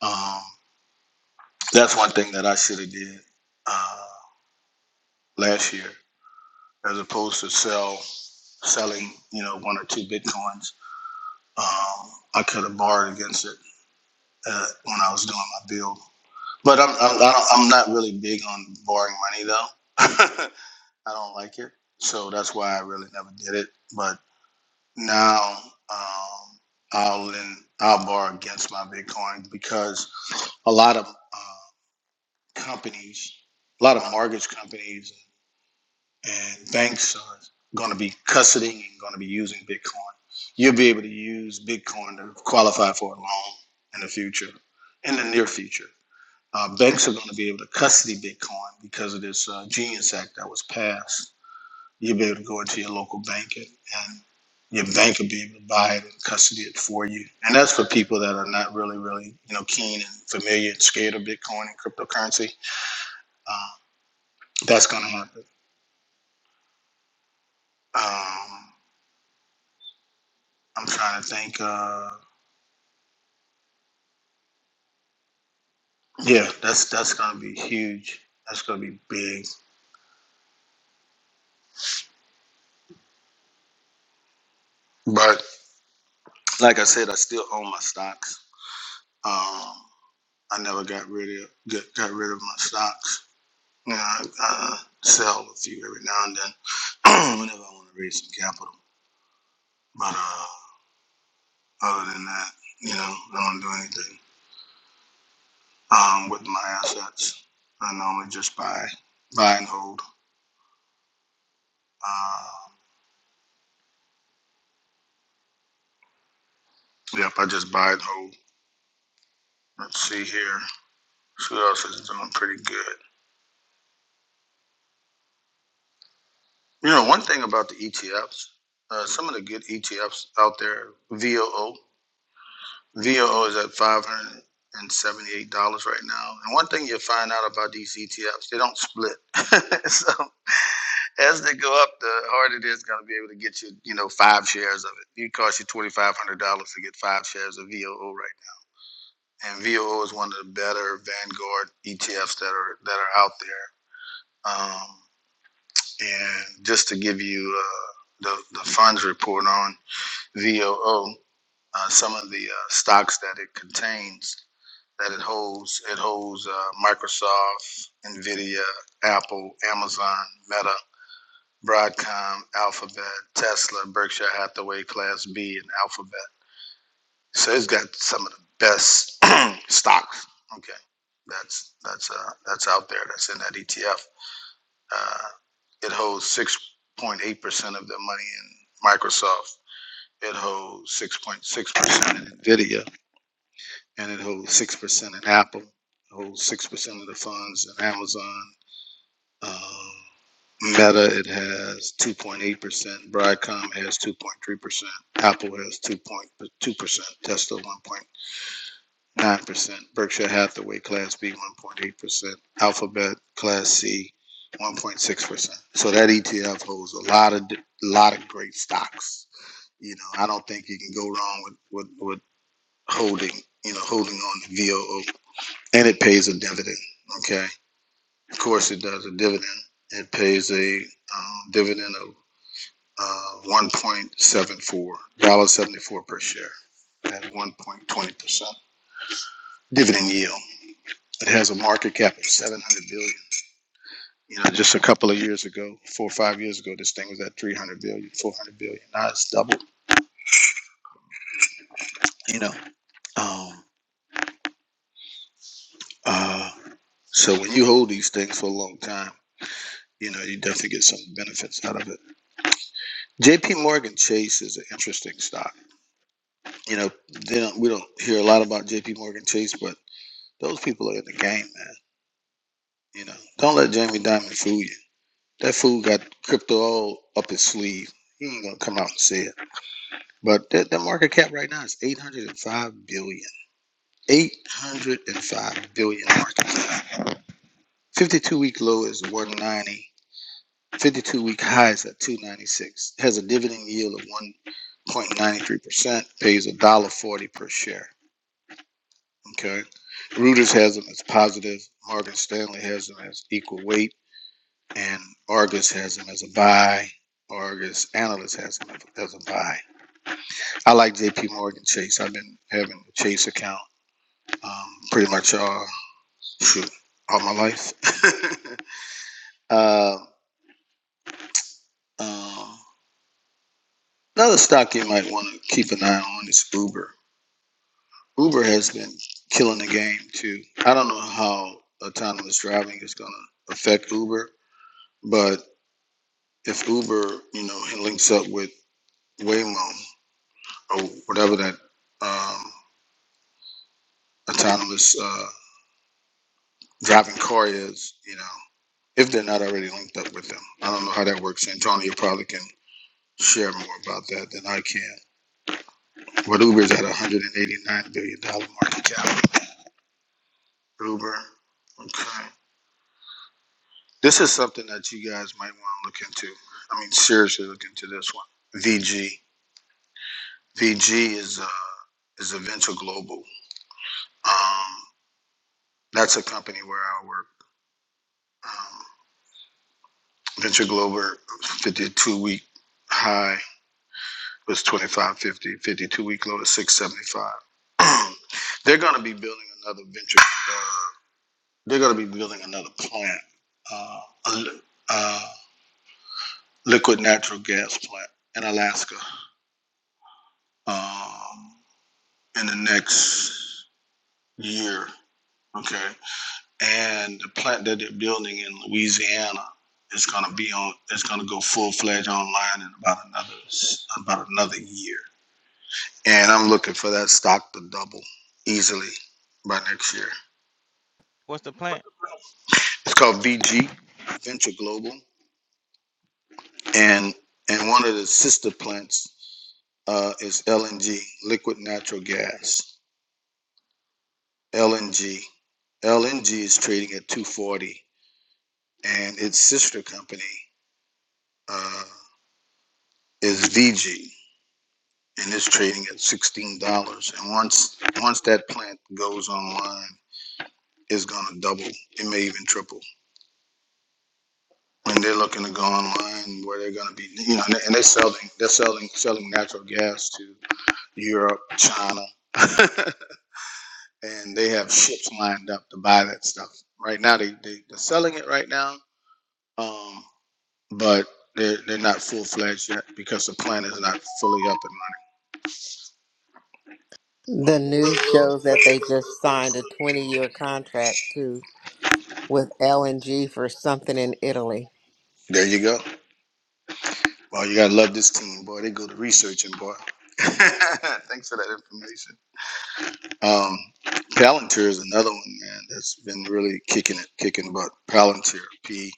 [SPEAKER 8] Um, that's one thing that I should have did uh, last year, as opposed to sell selling, you know, one or two bitcoins. Um, I could have borrowed against it uh, when I was doing my build. But I'm I'm, I don't- I'm not really big on borrowing money though. I don't like it, so that's why I really never did it. But now um, I'll lend, I'll borrow against my Bitcoin because a lot of uh, companies, a lot of mortgage companies and banks are going to be custodying and going to be using Bitcoin. You'll be able to use Bitcoin to qualify for a loan in the future, in the near future. Uh, VEX are going to be able to custody Bitcoin because of this uh, Genius Act that was passed. You'll be able to go into your local bank and and your bank will be able to buy it and custody it for you. And that's for people that are not really, really, you know, keen and familiar and scared of Bitcoin and cryptocurrency. Uh, that's going to happen. Um, I'm trying to think. Uh, yeah, that's that's going to be huge. That's going to be big. But like I said, I still own my stocks. Um, I never got rid of get, got rid of my stocks. You know, I, I sell a few every now and then whenever I want to raise some capital. But uh, other than that, you know, I don't do anything um, with my assets. I normally just buy buy and hold. Uh, yep, I just buy and hold. Let's see here. Who else is doing pretty good? You know, one thing about the ETFs, uh, some of the good ETFs out there, VOO. VOO is at five hundred and seventy-eight dollars right now. And one thing you'll find out about these ETFs, they don't split. so as they go up, the harder it is going to be able to get you, you know, five shares of it. It costs you twenty-five hundred dollars to get five shares of VOO right now. And VOO is one of the better Vanguard ETFs that are that are out there. Um, and just to give you uh, the the funds report on VOO, uh, some of the uh, stocks that it contains that it holds. It holds uh, Microsoft, Nvidia, Apple, Amazon, Meta, Broadcom, Alphabet, Tesla, Berkshire Hathaway, Class B, and Alphabet. So it's got some of the best stocks. Okay, that's that's uh, that's out there. That's in that ETF. Uh, it holds six point eight percent of the money in Microsoft. It holds six point six percent in Nvidia and it holds six percent in Apple, it holds six percent of the funds in Amazon. Um, Meta, it has two point eight percent. Broadcom has two point three percent. Apple has two point two percent. Tesla one point nine percent. Berkshire Hathaway Class B one point eight percent. Alphabet Class C. 1.6%. So that ETF holds a lot of lot of great stocks. You know, I don't think you can go wrong with with, with holding, you know, holding on to VOO and it pays a dividend. Okay, of course it does a dividend. It pays a um, dividend of uh, one point seven four dollars seventy four per share at one point twenty percent dividend yield. It has a market cap of seven hundred billion. dollars. You know, just a couple of years ago, four or five years ago, this thing was at 300 billion, 400 billion. dollars. Now it's doubled. You know, um, uh, so when you hold these things for a long time, you know, you definitely get some benefits out of it. JP Morgan Chase is an interesting stock. You know, they don't, we don't hear a lot about JP Morgan Chase, but those people are in the game, man. You know, don't let Jamie Dimon fool you. That fool got crypto all up his sleeve. He ain't gonna come out and say it. But that, that market cap right now is 805 billion. 805 billion market cap. 52 week low is 190. 52 week high is at 296. Has a dividend yield of 1.93%. Pays a dollar forty per share. Okay. Reuters has them as positive. Morgan Stanley has them as equal weight. And Argus has them as a buy. Argus Analyst has them as a buy. I like JP Morgan Chase. I've been having a Chase account um, pretty much all, shoot, all my life. uh, uh, another stock you might want to keep an eye on is Uber. Uber has been killing the game too. I don't know how autonomous driving is going to affect Uber, but if Uber, you know, links up with Waymo or whatever that um, autonomous uh, driving car is, you know, if they're not already linked up with them. I don't know how that works. Antonio probably can share more about that than I can. But Uber's at $189 billion dollar market cap. Uber. Okay. This is something that you guys might want to look into. I mean, seriously, look into this one. VG. VG is uh, is a venture global. Um, That's a company where I work. Um, Venture Global 52 week high was 2550, 52 week low is 675. they're going to be building another venture. Uh, they're going to be building another plant, uh, a li- uh, liquid natural gas plant in Alaska um, in the next year. Okay. and the plant that they're building in Louisiana is going to be on. It's going to go full fledged online in about another about another year. And I'm looking for that stock to double easily by next year.
[SPEAKER 11] What's the plan?
[SPEAKER 8] It's called VG Venture Global, and and one of the sister plants uh, is LNG Liquid Natural Gas LNG. LNG is trading at 240, and its sister company. Uh, is VG and it's trading at sixteen dollars. And once once that plant goes online, it's gonna double. It may even triple. When they're looking to go online, where they're gonna be, you know, and they- and they're selling they're selling selling natural gas to Europe, China, and they have ships lined up to buy that stuff. Right now, they, they they're selling it right now, um, but they're they're not full fledged yet because the plant is not fully up
[SPEAKER 3] The
[SPEAKER 8] and
[SPEAKER 3] news
[SPEAKER 8] running.
[SPEAKER 3] shows that they just signed a 20 year contract, too. with LNG for something in Italy.
[SPEAKER 8] There you go. Well, you gotta love this team, boy. They go to researching, boy. Thanks for that information. Um, Palantir is another one, man. That's been really kicking it, kicking butt. Palantir, P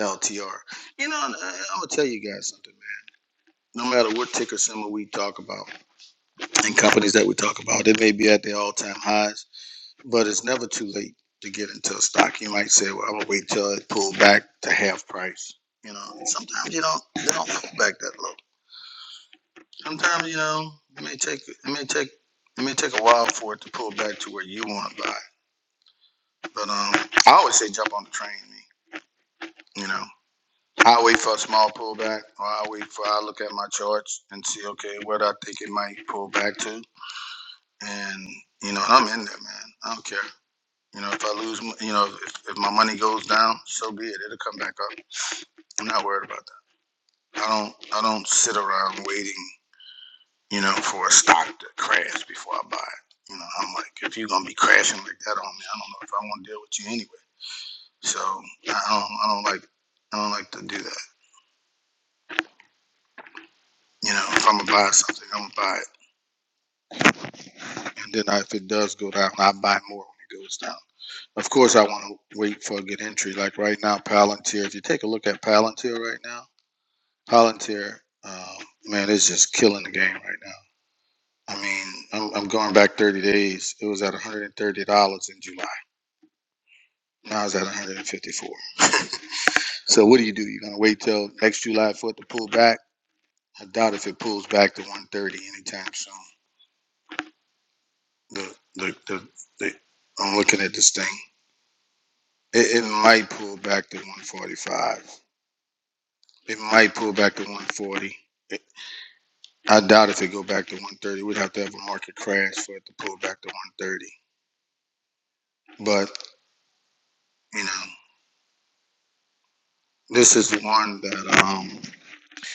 [SPEAKER 8] L T R. You know, and I, I'm gonna tell you guys something, man. No matter what ticker symbol we talk about and companies that we talk about, it may be at their all-time highs, but it's never too late to get into a stock. You might say, "Well, I'm gonna wait till it pulled back to half price." You know, sometimes you don't they don't pull back that low sometimes you know it may take it may take it may take a while for it to pull back to where you want to buy. But um, I always say jump on the train. Me, You know, I wait for a small pullback, or I wait for I look at my charts and see okay where I think it might pull back to, and you know I'm in there, man. I don't care. You know, if I lose, m- you know, if, if my money goes down, so be it. It'll come back up. I'm not worried about that. I don't, I don't sit around waiting you know, for a stock to crash before I buy it. You know, I'm like, if you're gonna be crashing like that on me, I don't know if I want to deal with you anyway. So I don't, I don't like, I don't like to do that. You know, if I'm gonna buy something, I'm gonna buy it, and then I, if it does go down, I buy more when it goes down. Of course, I want to wait for a good entry. Like right now, Palantir. If you take a look at Palantir right now, Palantir, um, man, it's just killing the game right now. I mean, I'm, I'm going back 30 days. It was at $130 in July. Now I was at 154. So what do you do? You're gonna wait till next July for it to pull back? I doubt if it pulls back to 130 anytime soon. The the the, the I'm looking at this thing. It, it might pull back to 145. It might pull back to 140. It, I doubt if it go back to 130. We'd have to have a market crash for it to pull back to 130. But you know, this is one that um,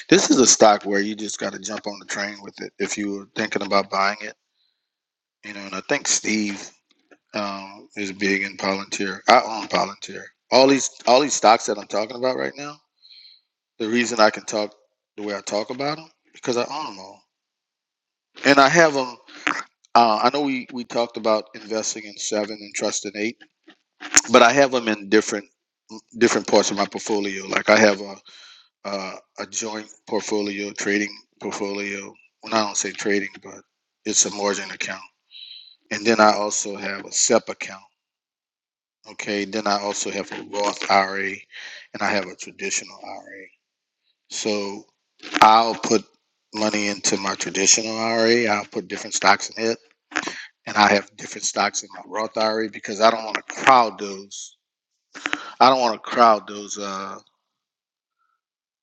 [SPEAKER 8] this is a stock where you just got to jump on the train with it if you were thinking about buying it You know, and I think Steve um, is big in Palantir. I own Palantir. All these all these stocks that I'm talking about right now. The reason I can talk the way I talk about them because I own them all, and I have them. Uh, I know we we talked about investing in seven and trust in eight, but I have them in different different parts of my portfolio. Like I have a a, a joint portfolio, trading portfolio. Well, I don't say trading, but it's a margin account, and then I also have a SEP account Okay, then I also have a Roth IRA and I have a traditional IRA. So I'll put money into my traditional IRA. I'll put different stocks in it. And I have different stocks in my Roth IRA because I don't want to crowd those. I don't want to crowd those uh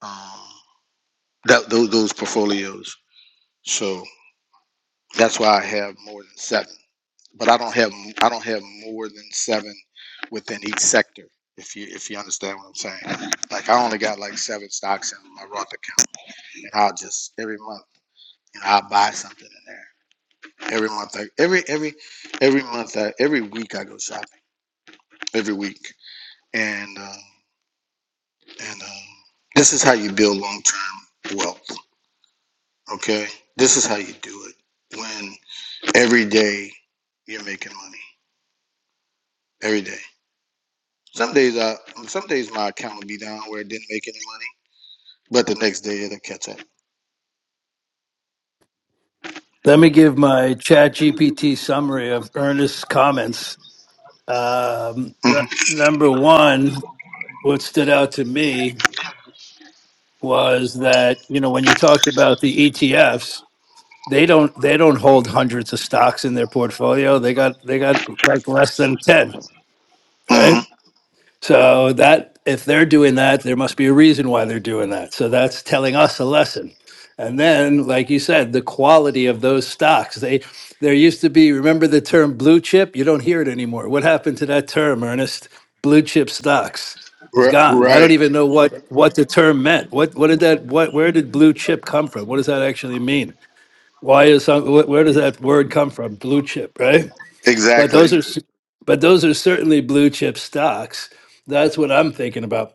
[SPEAKER 8] um that those, those portfolios. So that's why I have more than seven. but I don't have I don't have more than seven within each sector. If you if you understand what I'm saying, like I only got like seven stocks in my Roth account, and I'll just every month, you know, I'll buy something in there. Every month, I, every every every month, I, every week I go shopping every week, and um, and um, this is how you build long term wealth. Okay, this is how you do it. When every day you're making money, every day. Some days I, some days my account would be down where it didn't make any money, but the next day it'll catch up.
[SPEAKER 12] Let me give my chat GPT summary of Ernest's comments. Um, n-
[SPEAKER 8] hmm
[SPEAKER 12] number one, what stood out to me was that, you know, when you talked about the ETFs, they don't they don't hold hundreds of stocks in their portfolio. They got they got like less than 10, right?
[SPEAKER 8] hmm
[SPEAKER 12] So that if they're doing that, there must be a reason why they're doing that. So that's telling us a lesson. And then, like you said, the quality of those stocks. They there used to be, remember the term blue chip? You don't hear it anymore. What happened to that term, Ernest? Blue chip stocks. It's
[SPEAKER 8] Right,
[SPEAKER 12] gone. I don't
[SPEAKER 8] right.
[SPEAKER 12] even know what what the term meant. What what did that what where did blue chip come from? What does that actually mean? Why is some, wh- where does that word come from? Blue chip, right? But
[SPEAKER 8] Exactly.
[SPEAKER 12] those are s- but those are certainly blue chip stocks. That's what I'm thinking about.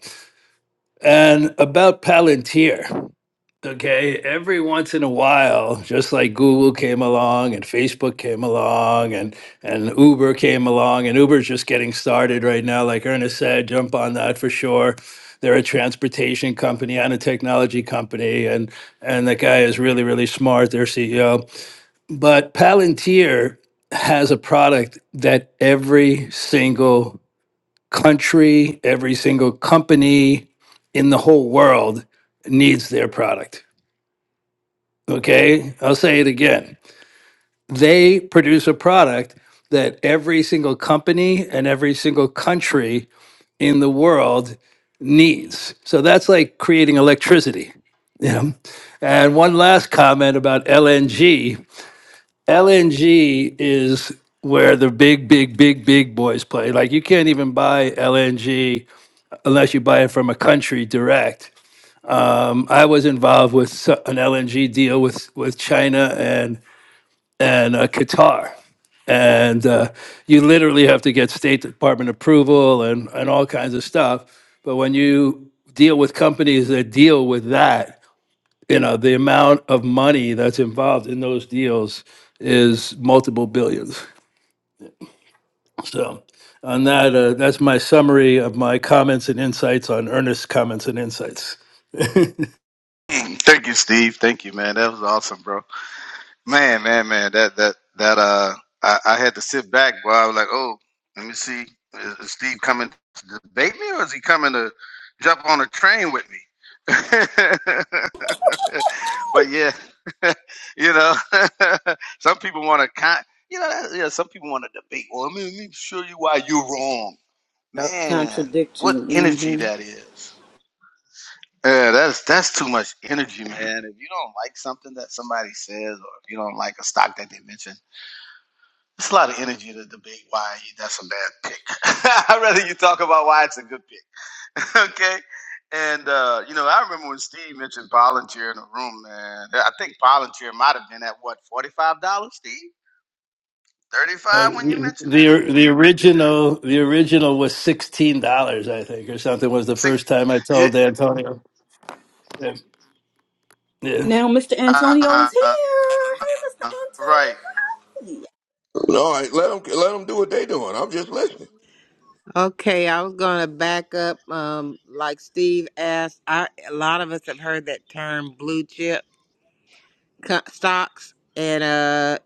[SPEAKER 12] And about Palantir. Okay, every once in a while, just like Google came along and Facebook came along and and Uber came along and Uber's just getting started right now like Ernest said, jump on that for sure. They're a transportation company and a technology company and and the guy is really really smart, their CEO. But Palantir has a product that every single country, every single company in the whole world needs their product. Okay, I'll say it again. They produce a product that every single company and every single country in the world needs. So that's like creating electricity. Yeah. And one last comment about LNG. LNG is where the big, big, big, big boys play. Like you can't even buy LNG unless you buy it from a country direct. Um, I was involved with so- an LNG deal with with China and and uh, Qatar, and uh, you literally have to get State Department approval and and all kinds of stuff. But when you deal with companies that deal with that, you know the amount of money that's involved in those deals is multiple billions. So, on that, uh, that's my summary of my comments and insights on Ernest's comments and insights.
[SPEAKER 8] Thank you, Steve. Thank you, man. That was awesome, bro. Man, man, man, that that that uh, I, I had to sit back, boy. I was like, oh, let me see, is, is Steve coming to debate me, or is he coming to jump on a train with me? but yeah, you know, some people want to con, you know, that, yeah, some people want to debate. Well, let me, let me show you why you're wrong,
[SPEAKER 1] Yup,
[SPEAKER 8] man.
[SPEAKER 1] contradict
[SPEAKER 8] What
[SPEAKER 1] you.
[SPEAKER 8] energy
[SPEAKER 1] Mm-hmm.
[SPEAKER 8] that is! Yeah, that's that's too much energy, man. If you don't like something that somebody says, or if you don't like a stock that they mention, it's a lot of energy to debate why that's a bad pick. I'd rather you talk about why it's a good pick, okay? And uh, you know, I remember when Steve mentioned volunteer in the room, man. I think volunteer might have been at what forty five dollars, Steve, thirty
[SPEAKER 12] Uh,
[SPEAKER 8] five when you
[SPEAKER 12] the
[SPEAKER 8] mentioned that.
[SPEAKER 12] the original the original was sixteen dollars, I think, or something. Was the
[SPEAKER 8] Six,
[SPEAKER 12] first time I
[SPEAKER 8] yeah,
[SPEAKER 12] told Antonio. Yeah, yeah.
[SPEAKER 1] Now Mr. Antonio
[SPEAKER 8] uh,
[SPEAKER 1] is here. Hey,
[SPEAKER 8] right.
[SPEAKER 1] Mr. Antonio.
[SPEAKER 13] No, I, let them let them do what they doing. I'm just listening.
[SPEAKER 3] Okay, I was going to back up. Um, like Steve asked, I, a lot of us have heard that term blue chip co- stocks, and uh.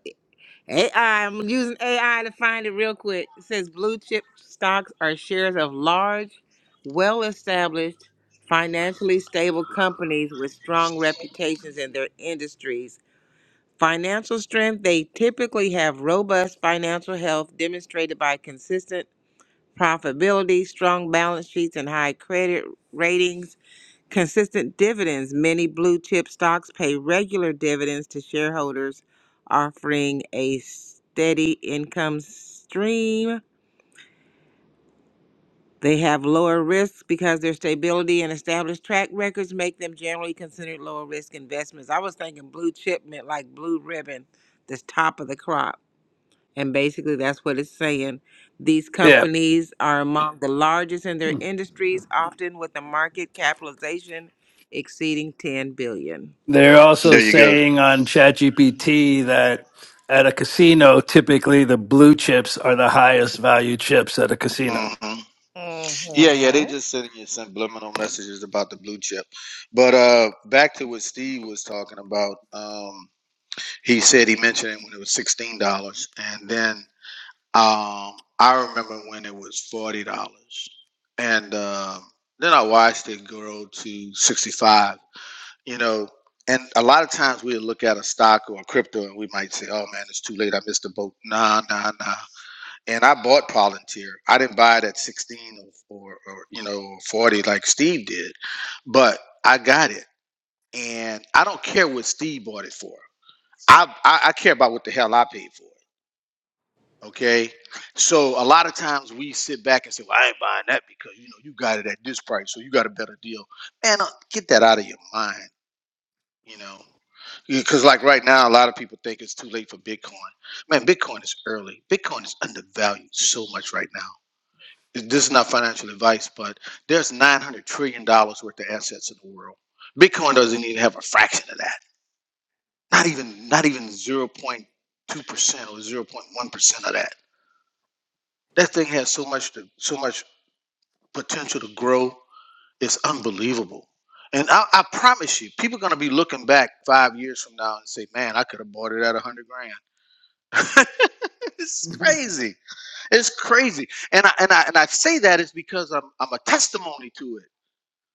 [SPEAKER 3] AI, I'm using AI to find it real quick. It says blue chip stocks are shares of large, well established, financially stable companies with strong reputations in their industries. Financial strength, they typically have robust financial health demonstrated by consistent profitability, strong balance sheets, and high credit ratings Consistent dividends. Many blue chip stocks pay regular dividends to shareholders, offering a steady income stream. They have lower risks because their stability and established track records make them generally considered lower risk investments. I was thinking blue chip meant like blue ribbon, this top of the crop. And basically, that's what it's saying. These
[SPEAKER 12] Yeah.
[SPEAKER 3] companies are among the largest in their industries, often with a market capitalization exceeding 10 billion.
[SPEAKER 12] They're also
[SPEAKER 8] There you
[SPEAKER 12] saying on ChatGPT that at a casino, typically the blue chips are the highest value chips at a casino.
[SPEAKER 8] go. Yeah, yeah, they
[SPEAKER 3] hmm
[SPEAKER 8] just sending you subliminal messages about the blue chip. But uh back to what Steve was talking about. Um he said he mentioned it when it was sixteen dollars and then um I remember when it was forty dollars. And uh, then I watched it grow to sixty five, you know, and a lot of times we look at a stock or a crypto and we might say, Oh man, it's too late, I missed the boat. Nah, nah, nah and I bought Palantir. I didn't buy it at 16 or, or, or you know 40 like Steve did, but I got it, and I don't care what Steve bought it for. I I, I care about what the hell I paid for it. Okay, so a lot of times we sit back and say, "Well, I ain't buying that because you know you got it at this price, so you got a better deal." Man, uh, get that out of your mind. You know, because like right now, a lot of people think it's too late for Bitcoin. Man, Bitcoin is early. Bitcoin is undervalued so much right now this is not financial advice, but there's nine hundred trillion dollars worth of assets in the world. Bitcoin doesn't even have a fraction of that. Not even not even zero point two percent or zero point one percent of that. That thing has so much to, so much potential to grow. It's unbelievable. And I, I promise you, people are gonna be looking back five years from now and say, "Man, I could have bought it at a hundred grand." it's crazy. It's crazy. And I and I and I say that is because I'm I'm a testimony to it.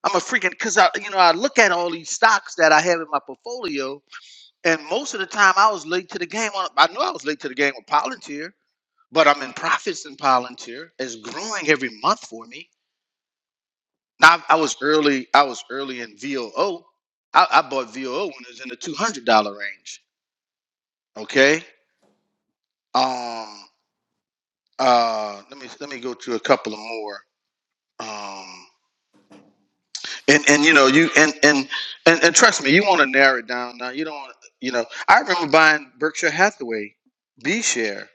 [SPEAKER 8] I'm a freaking because I, you know, I look at all these stocks that I have in my portfolio, and most of the time I was late to the game. On I know I was late to the game with Palantir, but I'm in profits in Palantir. It's growing every month for me. Now I I was early. I was early in VOO. I, I bought VOO when it was in the two hundred dollar range. Okay. Um. Uh. Let me let me go to a couple of more. Um. and and you know you and and and, and trust me, you want to narrow it down. Now you don't. wanna- You know, I remember buying Berkshire Hathaway B share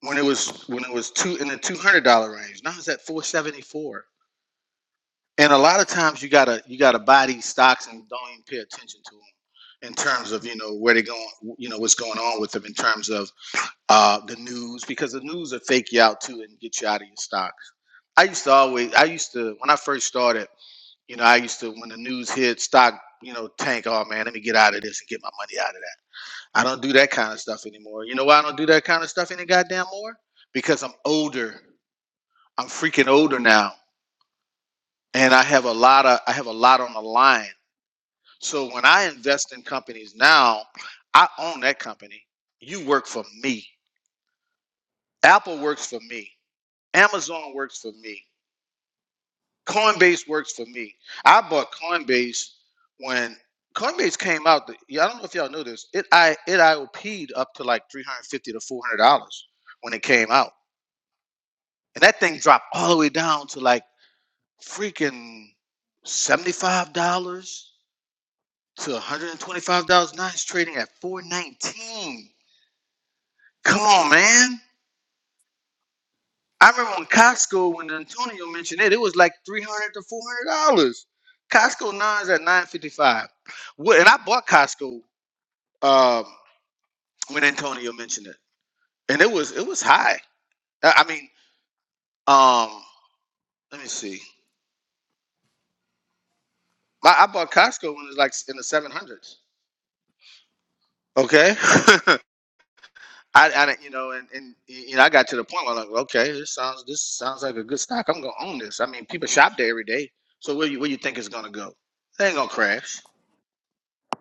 [SPEAKER 8] when it was when it was two in the two hundred dollar range. Now it's at four seventy four. And a lot of times you gotta you gotta buy these stocks and don't even pay attention to them in terms of you know where they're going, you know what's going on with them in terms of uh, the news because the news will fake you out too and get you out of your stocks. I used to always I used to when I first started. You know, I used to when the news hit, stock, you know, tank. Oh man, let me get out of this and get my money out of that. I don't do that kind of stuff anymore. You know why I don't do that kind of stuff any goddamn more? Because I'm older. I'm freaking older now, and I have a lot of I have a lot on the line. So when I invest in companies now, I own that company. You work for me. Apple works for me. Amazon works for me. Coinbase works for me. I bought Coinbase when Coinbase came out. The, yeah, I don't know if y'all know this. It I it IOP'd up to like three hundred fifty to four hundred dollars when it came out, and that thing dropped all the way down to like freaking seventy five dollars to one hundred and twenty five dollars. Now it's trading at four nineteen. Come on, man. I remember when Costco, when Antonio mentioned it, it was like three hundred to four hundred dollars. Costco now is at nine fifty five. What? And I bought Costco um, when Antonio mentioned it, and it was it was high. I I mean, um, let me see. My, I bought Costco when it was like s- in the seven hundreds. Okay, I, I didn't- you know, and, and y- you know, I got to the point where I'm like, okay, this sounds this sounds like a good stock. I'm gonna own this. I mean, people shop there every day, so where you where you think it's gonna go? It ain't gonna crash.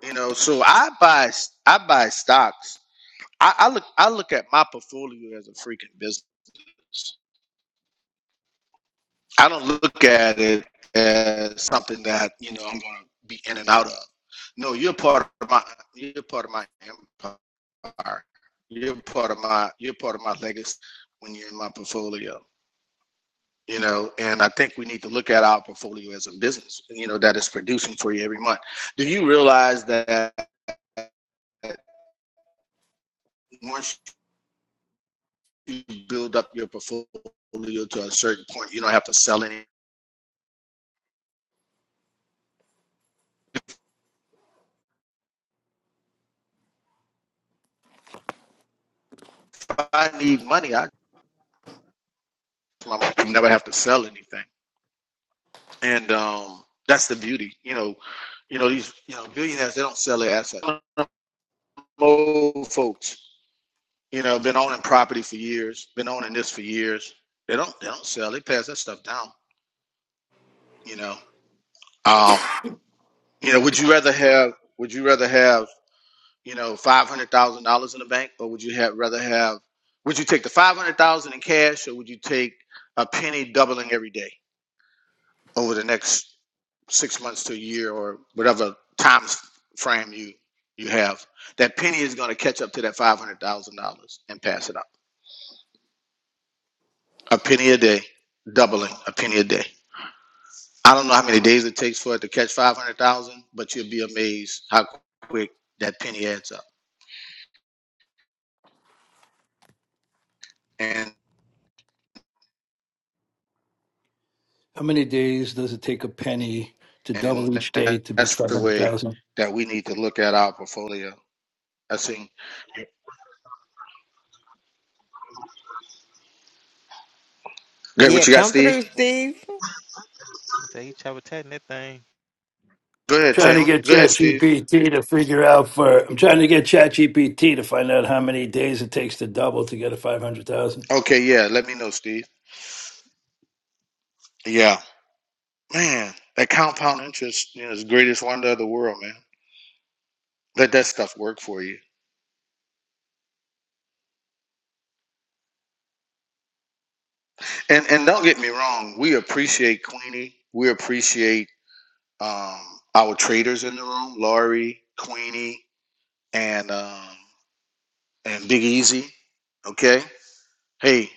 [SPEAKER 8] You know, so I buy I buy stocks. I, I look I look at my portfolio as a freaking business. I don't look at it as something that you know I'm going to be in and out of. No, you're part of my you're part of my empire. You're part of my you're part of my legacy when you're in my portfolio. You know, and I think we need to look at our portfolio as a business. You know, that is producing for you every month. Do you realize that once you build up your portfolio to a certain point. You don't have to sell any. If I need money, I never have to sell anything, and um, that's the beauty. You know, you know these you know billionaires they don't sell their assets. Old folks, you know, been owning property for years, been owning this for years. They don't they don't sell. They pass that stuff down. You know, um, you know. Would you rather have? Would you rather have? you know, five hundred thousand dollars in the bank, or would you have rather have? Would you take the five hundred thousand in cash, or would you take a penny doubling every day over the next six months to a year, or whatever time frame you you have? That penny is going to catch up to that five hundred thousand dollars and pass it up. A penny a day, doubling a penny a day. I don't know how many days it takes for it to catch five hundred thousand, but you'll be amazed how quick that penny adds up. And
[SPEAKER 12] How many days does it take a penny to
[SPEAKER 8] And
[SPEAKER 12] double each day to reach
[SPEAKER 8] that's
[SPEAKER 12] five
[SPEAKER 8] the
[SPEAKER 12] hundred
[SPEAKER 8] way
[SPEAKER 12] thousand?
[SPEAKER 8] that we need to look at our portfolio. I think. Great.
[SPEAKER 3] Yeah,
[SPEAKER 8] What you got,
[SPEAKER 3] come
[SPEAKER 8] Steve?
[SPEAKER 3] through, Steve.
[SPEAKER 11] He said he chopper tatting that thing.
[SPEAKER 8] Go ahead,
[SPEAKER 12] trying to
[SPEAKER 8] Tim.
[SPEAKER 12] get
[SPEAKER 8] Go ahead, Steve.
[SPEAKER 12] ChatGPT to figure out for. I'm trying to get ChatGPT to find out how many days it takes to double to get a five hundred thousand.
[SPEAKER 8] Okay. Yeah. Let me know, Steve. Yeah. Man, that compound interest you know, is the greatest wonder of the world, man. Let that stuff work for you. And and don't get me wrong. We appreciate Queenie. We appreciate um, our traders in the room, Laurie, Queenie, and um, and Big Easy. Okay. hey,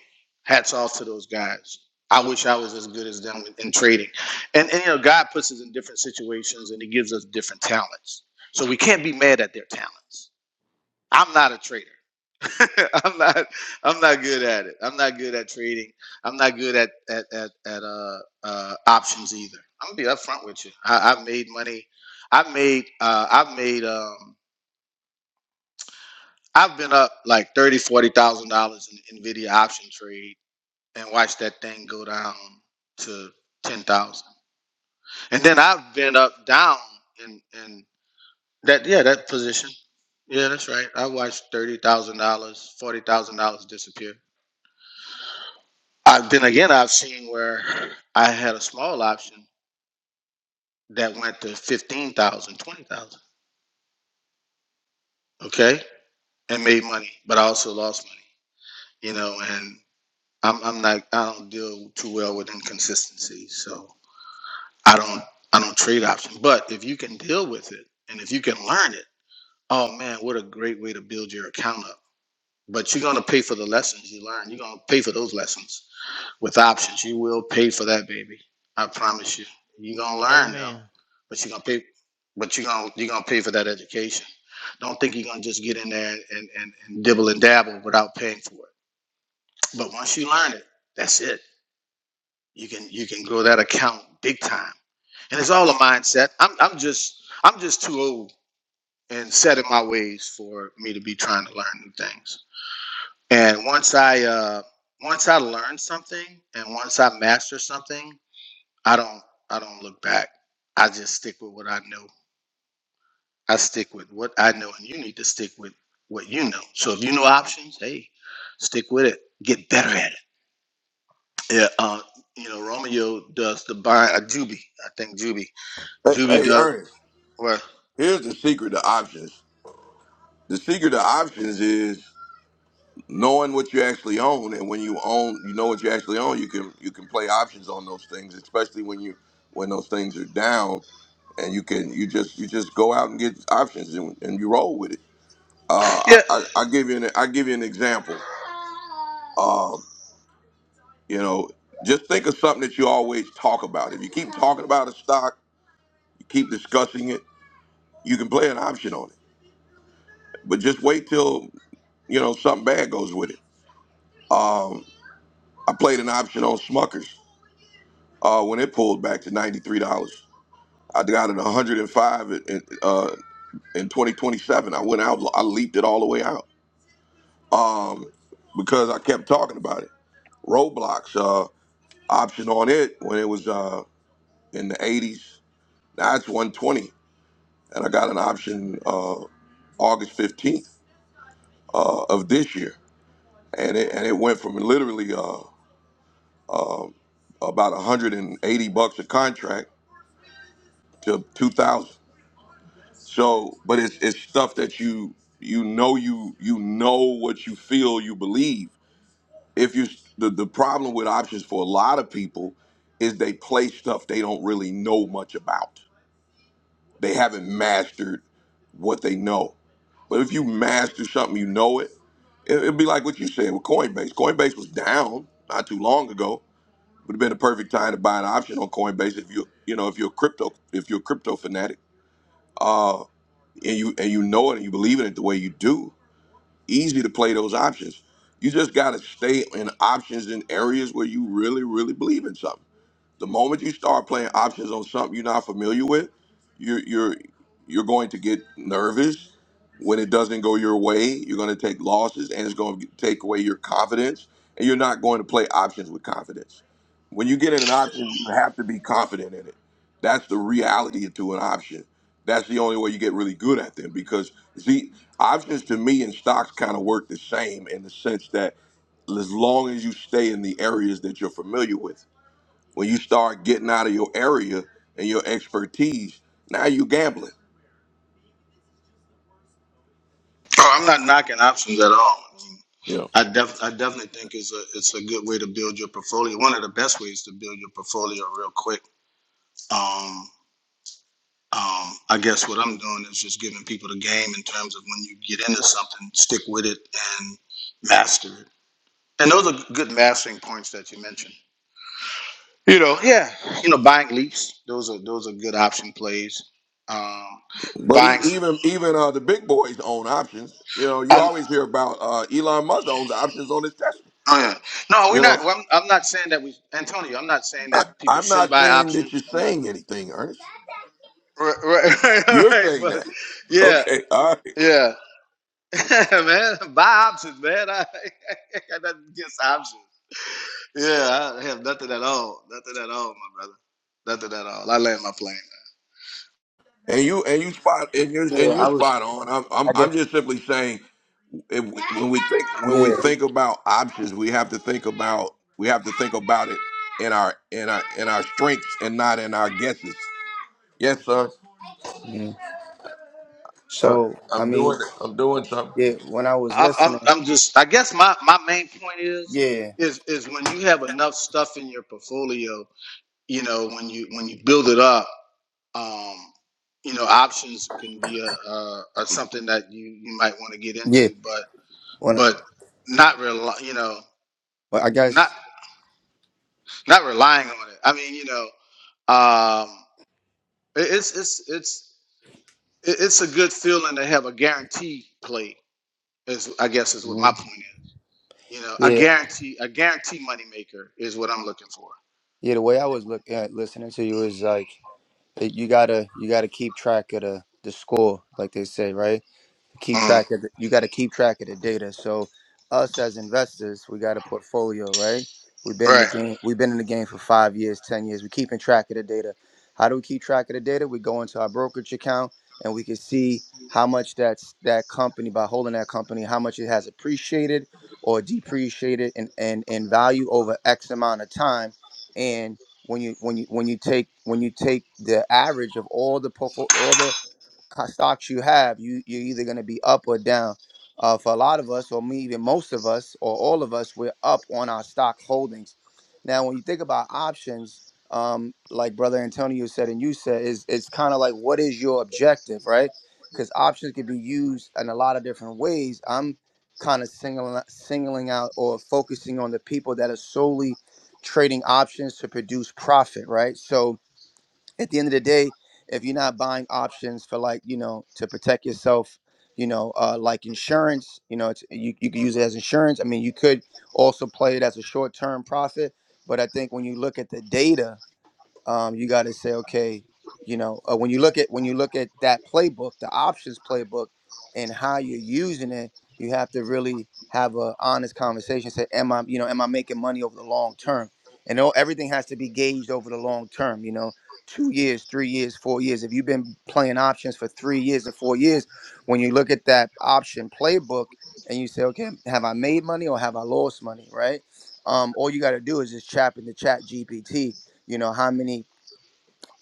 [SPEAKER 8] hats off to those guys. I wish I was as good as them in, in trading. And, and you know, God puts us in different situations and he gives us different talents. So we can't be mad at their talents. I'm not a trader. I'm not I'm not good at it. I'm not good at trading. I'm not good at at at, at uh, uh options either. I'm gonna be upfront with you. I, I've made money. I've made uh I've made um I've been up like thirty, forty thousand dollars in NVIDIA option trades and watch that thing go down to ten thousand. And then I went up down in in that yeah that position. Yeah, that's right. I watched thirty thousand dollars, forty thousand dollars disappear. I, then again, I've seen where I had a small option that went to fifteen thousand, twenty thousand. Okay, and made money, but I also lost money. You know, and I'm I'm not I don't deal too well with inconsistency, so I don't I don't trade options. But if you can deal with it and if you can learn it, oh man, what a great way to build your account up. But you're gonna pay for the lessons you learn. You're gonna pay for those lessons with options. You will pay for that, baby. I promise you. You're gonna learn though,
[SPEAKER 11] Amen.
[SPEAKER 8] but you're gonna pay. But you're gonna you're gonna pay for that education. Don't think you're gonna just get in there and, and, and dibble and dabble without paying for it. But once you learn it, that's it. You can you can grow that account big time. and it's all a mindset. I'm I'm just I'm just too old and set in my ways for me to be trying to learn new things. And once I uh, once I learn something and once I master something, I don't I don't look back. I just stick with what I know. I stick with what I know, and you need to stick with what you know. So if you know options, hey, stick with it. Get better at it. Yeah, uh, you know Romeo does the bind. Uh, Juby, I think Juby.
[SPEAKER 13] Hey,
[SPEAKER 8] Juby
[SPEAKER 13] hey,
[SPEAKER 8] does.
[SPEAKER 13] Ernest,
[SPEAKER 8] Well,
[SPEAKER 13] here's the secret to options. The secret to options is knowing what you actually own, and when you own, you know what you actually own. You can you can play options on those things, especially when you when those things are down, and you can you just you just go out and get options and, and you roll with it. Uh, I,
[SPEAKER 8] yeah,
[SPEAKER 13] I I give you an I give you an example. Um, you know, just think of something that you always talk about. If you keep talking about a stock, you keep discussing it You can play an option on it, but just wait till you know something bad goes with it. Um, I played an option on Smuckers uh, when it pulled back to ninety three dollars. I got it one hundred and five in uh, in twenty twenty seven. I went out, I leaped it all the way out um, because I kept talking about it. Roblox uh, option on it when it was uh, in the eighties. Now it's one twenty, and I got an option uh, August fifteenth uh, of this year, and it and it went from literally. Uh, um, about 180 bucks a contract to 2000 so but it's it's stuff that you you know you you know what you feel you believe if you the, the problem with options for a lot of people is they play stuff they don't really know much about they haven't mastered what they know but if you master something you know it, it it'd be like what you said with coinbase coinbase was down not too long ago would have been a perfect time to buy an option on Coinbase if you you know if you're a crypto if you're a crypto fanatic, uh, and you and you know it and you believe in it the way you do. Easy to play those options. You just got to stay in options in areas where you really really believe in something. The moment you start playing options on something you're not familiar with, you're you're you're going to get nervous when it doesn't go your way. You're going to take losses, and it's going to take away your confidence. And you're not going to play options with confidence. When you get in an option, you have to be confident in it. That's the reality to an option. That's the only way you get really good at them because see, options to me and stocks kind of work the same in the sense that as long as you stay in the areas that you're familiar with. When you start getting out of your area and your expertise, now you gambling.
[SPEAKER 8] Oh, I'm not knocking options at all.
[SPEAKER 13] You know,
[SPEAKER 8] I, def- I definitely think it's a it's a good way to build your portfolio. One of the best ways to build your portfolio real quick. Um, um, I guess what I'm doing is just giving people the game in terms of when you get into something, stick with it and master it. And those are good mastering points that you mentioned. You know, yeah, you know, buying leaps. Those are those are good option plays. Um,
[SPEAKER 13] but e
[SPEAKER 8] buying.
[SPEAKER 13] even even uh, the big boys own options. You know, you always hear about uh, Elon Musk owns options on his Tesla.
[SPEAKER 8] Oh yeah. No, we're
[SPEAKER 13] You
[SPEAKER 8] not.
[SPEAKER 13] know,
[SPEAKER 8] well, I'm, I'm not saying that we, Antonio. I'm not saying
[SPEAKER 13] I,
[SPEAKER 8] that people
[SPEAKER 13] I'm
[SPEAKER 8] shouldn't
[SPEAKER 13] not
[SPEAKER 8] buy
[SPEAKER 13] saying that
[SPEAKER 8] options.
[SPEAKER 13] you're
[SPEAKER 8] I'm not.
[SPEAKER 13] saying anything, Ernest.
[SPEAKER 8] Right, right, right, right.
[SPEAKER 13] You're
[SPEAKER 8] right,
[SPEAKER 13] saying
[SPEAKER 8] But
[SPEAKER 13] that.
[SPEAKER 8] yeah,
[SPEAKER 13] Okay, all right.
[SPEAKER 8] yeah, man, buy options, man. I, I got nothing against options. Yeah, I have nothing at all. Nothing at all, my brother. Nothing at all. I land my plane.
[SPEAKER 13] And you and you spot and you're
[SPEAKER 14] Yeah,
[SPEAKER 13] and you're
[SPEAKER 14] I was.
[SPEAKER 13] spot on. I'm I'm,
[SPEAKER 14] I guess.
[SPEAKER 13] I'm just simply saying if we- when we think when we
[SPEAKER 14] Yeah.
[SPEAKER 13] think about options, we have to think about we have to think about it in our in our in our strengths and not in our guesses. Yes, sir.
[SPEAKER 14] Mm.
[SPEAKER 13] I,
[SPEAKER 14] So I
[SPEAKER 13] I'm doing
[SPEAKER 14] mean,
[SPEAKER 13] it. I'm doing something.
[SPEAKER 14] yeah. When I was
[SPEAKER 8] I'm, I'm,
[SPEAKER 14] listening,
[SPEAKER 8] I'm just. I guess my, my main point is
[SPEAKER 14] yeah,
[SPEAKER 8] is is when you have enough stuff in your portfolio, you know, when you when you build it up. um, you know, options can be a, a, a something that you, you might want to get
[SPEAKER 14] yeah.
[SPEAKER 8] into, but
[SPEAKER 14] When I,
[SPEAKER 8] but not rely, you know,
[SPEAKER 14] well, I
[SPEAKER 8] not
[SPEAKER 14] guess,
[SPEAKER 8] not relying on it. I mean, you know, um, it, it's it's it's it- it's a good feeling to have a guarantee play. Is I guess is what my
[SPEAKER 14] Mhm.
[SPEAKER 8] point is. You know, a
[SPEAKER 14] yeah,
[SPEAKER 8] guarantee a guarantee moneymaker is what I'm looking for.
[SPEAKER 14] yeah. The way I was looking at listening to you is like it, you gotta you gotta keep track of the the score, like they say, right? keep
[SPEAKER 8] Mhm.
[SPEAKER 14] track of the, you got to keep track of the data. So us as investors, we got a portfolio, right? We've been in the
[SPEAKER 8] Right.
[SPEAKER 14] game. We've been in the game for five years, ten years. We're keeping track of the data. How do we keep track of the data? We go into our brokerage account and we can see how much that's that company by holding that company, how much it has appreciated or depreciated in, in, in value over X amount of time. And when you when you when you take when you take the average of all the portfolio all the co- stocks you have, you you're either going to be up or down. Uh, for a lot of us, or me, even most of us, or all of us, we're up on our stock holdings. Now, when you think about options, um, like Brother Antonio said and you said, is it's kind of like what is your objective, right? Because options can be used in a lot of different ways. I'm kind of singling singling out or focusing on the people that are solely trading options to produce profit, right? So at the end of the day, if you're not buying options for like you know to protect yourself, you know, uh, like insurance, you know, it's you you could use it as insurance. I mean, you could also play it as a short term profit, but I think when you look at the data um, you got to say, okay, you know, uh, when you look at when you look at that playbook, the options playbook, and how you're using it, you have to really have a honest conversation. Say, am I, you know, am I making money over the long term? And all, everything has to be gauged over the long term. You know, two years, three years, four years. If you've been playing options for three years or four years, when you look at that option playbook and you say, okay, have I made money or have I lost money? Right? Um, all you got to do is just tap into Chat GPT you know how many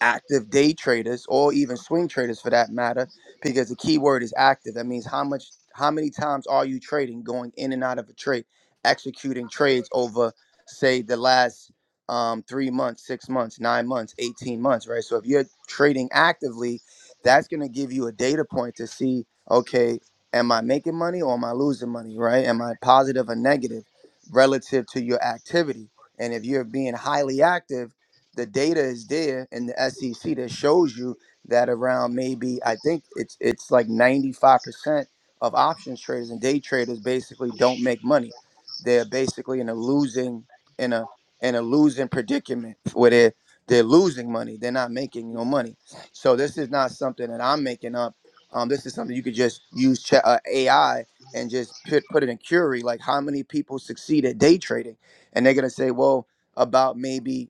[SPEAKER 14] active day traders or even swing traders for that matter because the key word is active that means how much how many times are you trading going in and out of a trade executing trades over say the last um, three months six months nine months 18 months right so if you're trading actively that's going to give you a data point to see okay am i making money or am i losing money right am i positive or negative relative to your activity and if you're being highly active the data is there in the SEC that shows you that around maybe I think it's it's like 95% of options traders and day traders basically don't make money. They're basically in a losing in a in a losing predicament where they're they're losing money. They're not making no money. So this is not something that I'm making up. Um, this is something you could just use ch- uh, AI and just put put it in Curie. Like how many people succeed at day trading, and they're gonna say, well, about maybe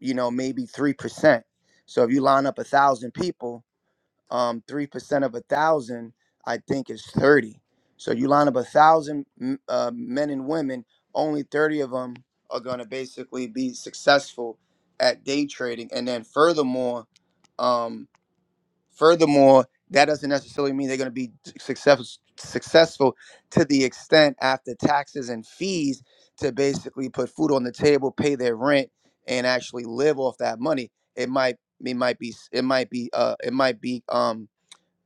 [SPEAKER 14] you know, maybe 3%. So if you line up a thousand people, um, 3% of a thousand, I think is 30. So you line up a thousand m- uh, men and women, only 30 of them are going to basically be successful at day trading. And then furthermore, um, Furthermore, that doesn't necessarily mean they're going to be success, successful to the extent after taxes and fees to basically put food on the table, pay their rent, and actually live off that money. It might it might be it might be uh it might be Um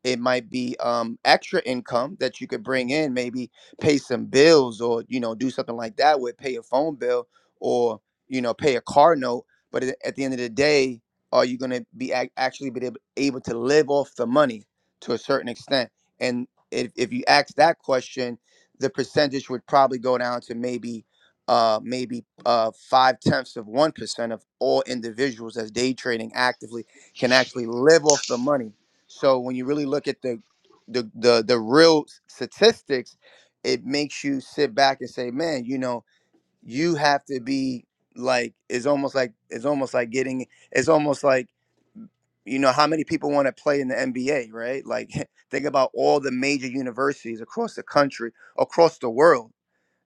[SPEAKER 14] it might be um, extra income that you could bring in maybe pay some bills or you know do something like that with pay a phone bill or you know pay a car note but at at the end of the day are you going to be ac- actually be able, able to live off the money to a certain extent and if, if you ask that question the percentage would probably go down to maybe uh, maybe uh, five tenths of one percent of all individuals that's day trading actively can actually live off the money so when you really look at the the the, the real statistics, it makes you sit back and say, man, you know, you have to be like it's almost like it's almost like getting it's almost like you know how many people want to play in the NBA, right? Like think about all the major universities across the country, across the world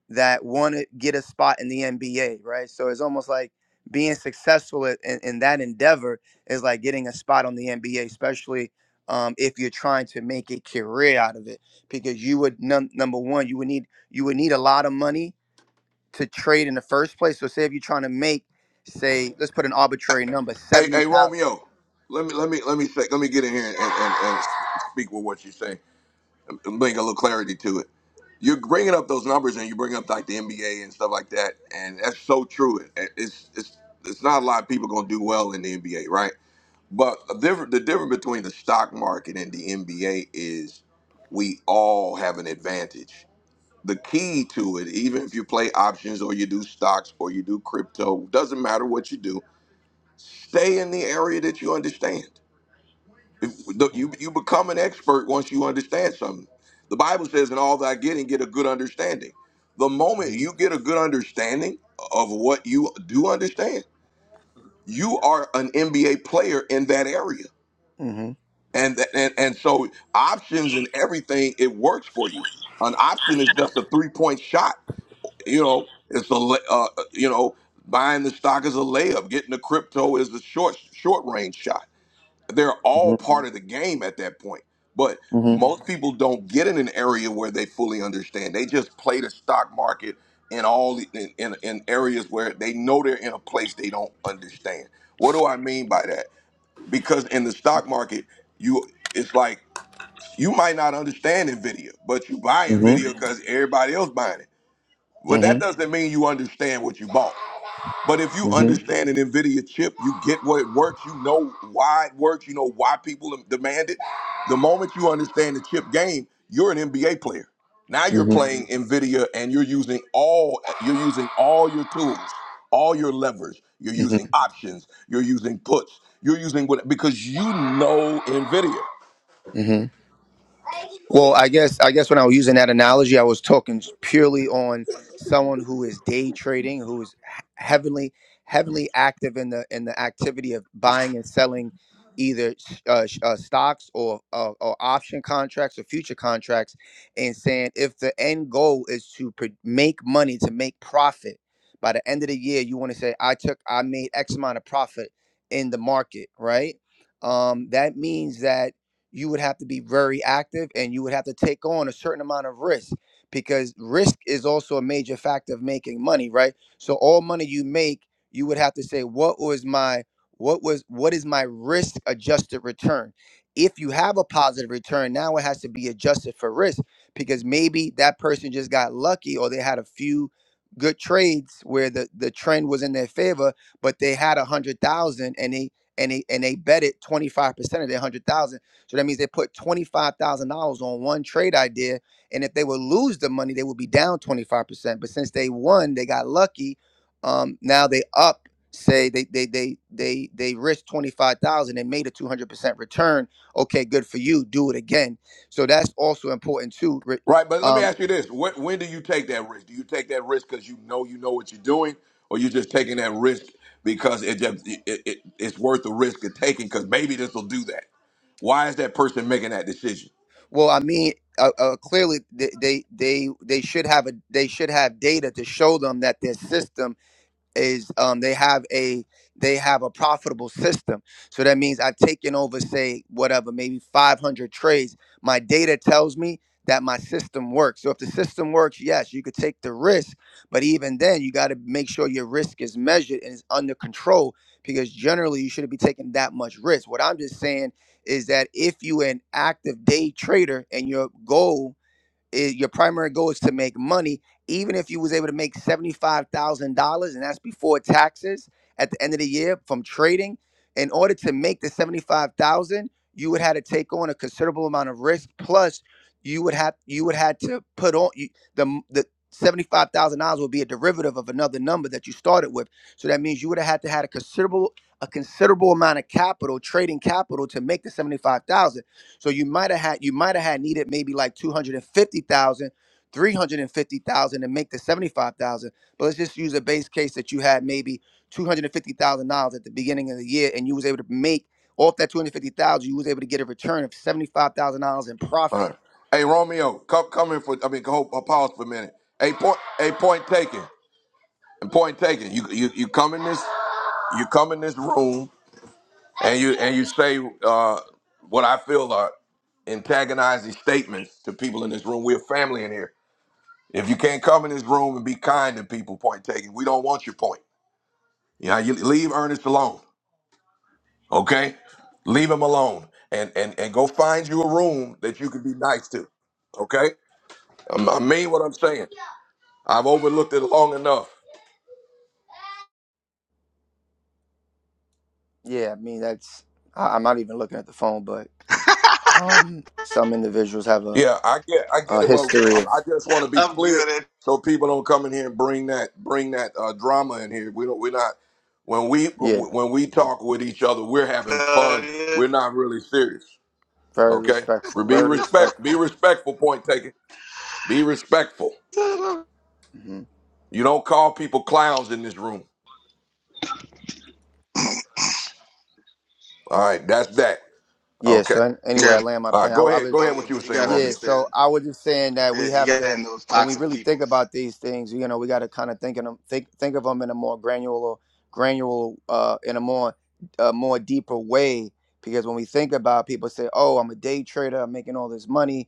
[SPEAKER 14] that want to get a spot in the NBA, right? So it's almost like being successful i- in, in that endeavor is like getting a spot on the NBA, especially um, if you're trying to make a career out of it, because you would num- number one, you would need you would need a lot of money to trade in the first place. So say if you're trying to make, say, let's put an arbitrary number,
[SPEAKER 13] Hey,
[SPEAKER 14] seventy
[SPEAKER 13] hey,
[SPEAKER 14] thousand.
[SPEAKER 13] Romeo. Let me let me let me say, let me get in here and, and, and speak with what you're saying and bring a little clarity to it. You're bringing up those numbers and you bring up like the NBA and stuff like that, and that's so true. It- It's it's it's not a lot of people gonna do well in the NBA, right? But the difference, the difference between the stock market and the NBA is we all have an advantage. The key to it, even if you play options or you do stocks or you do crypto, doesn't matter what you do, stay in the area that you understand. If the, you,
[SPEAKER 14] Mm-hmm.
[SPEAKER 13] you become an expert once you understand something. The Bible says, in all that I get and get a good understanding. The moment you get a good understanding of what you do understand, you are an NBA player in that area
[SPEAKER 14] Mm-hmm.
[SPEAKER 13] and and and so options and everything it works for you. An option is just a three point shot. You know, it's a lay- uh, you know buying the stock is a layup. Getting the crypto is the short short range shot. They're
[SPEAKER 14] Mm-hmm.
[SPEAKER 13] all part of the game at that point. But
[SPEAKER 14] Mm-hmm.
[SPEAKER 13] most people don't get in an area where they fully understand. They just play the stock market in all the- in, in, in areas where they know they're in a place they don't understand. What do I mean by that? Because in the stock market, you it's like you might not understand NVIDIA, but you buying NVIDIA
[SPEAKER 14] Mm-hmm.
[SPEAKER 13] Mhm. because everybody else buying it.
[SPEAKER 14] Mm-hmm.
[SPEAKER 13] Well, that
[SPEAKER 14] Mm-hmm.
[SPEAKER 13] doesn't mean you understand what you bought. But if you Mhm.
[SPEAKER 14] Mm-hmm.
[SPEAKER 13] understand an NVIDIA chip, you get what it works, you know why it works, you know why people dem- demand it. The moment you understand the chip game, you're an NBA player. Now you're Mhm.
[SPEAKER 14] Mm-hmm.
[SPEAKER 13] playing NVIDIA and you're using all you're using all your tools, all your levers. You're
[SPEAKER 14] Mm-hmm.
[SPEAKER 13] using options, you're using puts, you're using what because you know NVIDIA.
[SPEAKER 14] Mm-hmm. Well, I guess I guess when I was using that analogy, I was talking purely on someone who is day trading, who is he- heavily heavily active in the in the activity of buying and selling either uh, sh- uh, stocks or uh, or option contracts or future contracts, and saying if the end goal is to pr- make money to make profit by the end of the year, you want to say I took I made X amount of profit in the market, right? Um, that means that you would have to be very active and you would have to take on a certain amount of risk because risk is also a major factor of making money, right? So all money you make, you would have to say what was my what was what is my risk adjusted return? If you have a positive return, now it has to be adjusted for risk because maybe that person just got lucky or they had a few good trades where the the trend was in their favor, but they had a hundred thousand and they and they and they bet it 25% of their 100,000 so that means they put $25,000 on one trade idea. And if they would lose the money, they would be down 25%. But since they won, they got lucky. Um, now they up, say they they they they they risked 25,000 and made a 200% return. Okay, good for you. Do it again. So that's also important too. Re-
[SPEAKER 13] Right, but let me
[SPEAKER 14] Um,
[SPEAKER 13] ask you this: when, when do you take that risk? Do you take that risk because you know you know what you're doing, or you're just taking that risk because it just it, it, it's worth the risk of taking? Because maybe this will do that. Why is that person making that decision?
[SPEAKER 14] well, I mean, uh, uh, clearly they, they they they should have a they should have data to show them that their system is um, they have a they have a profitable system. So that means I've taken over, say whatever, maybe 500 trades. My data tells me that my system works. So if the system works, yes, you could take the risk, but even then, you got to make sure your risk is measured and is under control because generally you shouldn't be taking that much risk. What I'm just saying is that if you're an active day trader and your goal it, your primary goal is to make money even if you was able to make $75000 and that's before taxes at the end of the year from trading in order to make the 75000 you would have to take on a considerable amount of risk plus you would have you would have to put on you, the the $75000 would be a derivative of another number that you started with so that means you would have had to had a considerable a considerable amount of capital trading capital to make the 75000 so you might have had you might have had needed maybe like two hundred and fifty thousand, three hundred and fifty thousand, 350,000 to make the 75,000. But let's just use a base case that you had maybe $250,000 at the beginning of the year and you was able to make off that 250,000, you was able to get a return of $75,000 in
[SPEAKER 13] All
[SPEAKER 14] profit.
[SPEAKER 13] right. Hey Romeo, come come in for I mean, go, uh, pause for a minute. Hey, point, a point taken, and point taken. You you you come in this you come in this room and you and you say uh, what I feel are antagonizing statements to people in this room. We're family in here If you can't come in this room and be kind to people, point taken. We don't want your point. Yeah, you leave Ernest alone. Okay? Leave him alone. And and and go find you a room that you can be nice to. Okay? I'm, I mean what I'm saying. I've overlooked it long enough.
[SPEAKER 14] Yeah, I mean that's I, I'm not even looking at the phone, but um some individuals have a,
[SPEAKER 13] Yeah, I get I
[SPEAKER 14] a
[SPEAKER 13] get it, but
[SPEAKER 14] history
[SPEAKER 13] I'm,
[SPEAKER 14] of
[SPEAKER 13] I just want to be
[SPEAKER 8] I'm
[SPEAKER 13] clear
[SPEAKER 8] good at
[SPEAKER 13] so people don't come in here and bring that bring that uh, drama in here. We don't we're not when we
[SPEAKER 14] yeah,
[SPEAKER 13] when we talk with each other, we're having
[SPEAKER 8] uh,
[SPEAKER 13] fun. We're not really serious.
[SPEAKER 14] very
[SPEAKER 13] Okay.
[SPEAKER 14] respectful,
[SPEAKER 13] Be
[SPEAKER 14] very
[SPEAKER 13] respect. Be
[SPEAKER 14] respectful.
[SPEAKER 13] respectful. Point taken. Be respectful.
[SPEAKER 14] hmm
[SPEAKER 13] You don't call people clowns in this room. All right. That's that.
[SPEAKER 14] yeah,
[SPEAKER 13] Okay.
[SPEAKER 14] so an- anyway,
[SPEAKER 8] yeah,
[SPEAKER 14] I
[SPEAKER 8] I'm
[SPEAKER 14] land my
[SPEAKER 13] All
[SPEAKER 14] plane.
[SPEAKER 13] right.
[SPEAKER 14] I,
[SPEAKER 13] Go
[SPEAKER 14] I
[SPEAKER 13] ahead.
[SPEAKER 14] was.
[SPEAKER 13] Go ahead.
[SPEAKER 8] telling you,
[SPEAKER 13] What you were
[SPEAKER 8] but you
[SPEAKER 13] saying,
[SPEAKER 8] gotta
[SPEAKER 14] Yeah,
[SPEAKER 13] Romeo.
[SPEAKER 8] understand.
[SPEAKER 14] so I was just saying that
[SPEAKER 8] Yeah,
[SPEAKER 14] we
[SPEAKER 8] you
[SPEAKER 14] have
[SPEAKER 8] got
[SPEAKER 14] to
[SPEAKER 8] in those
[SPEAKER 14] when we
[SPEAKER 8] toxic
[SPEAKER 14] really
[SPEAKER 8] people,
[SPEAKER 14] think
[SPEAKER 8] man.
[SPEAKER 14] about these things, you know, we got to kind of think in 'em- think think of them in a more granular granular uh in a more uh, more deeper way because when we think about people say, "Oh, I'm a day trader, I'm making all this money."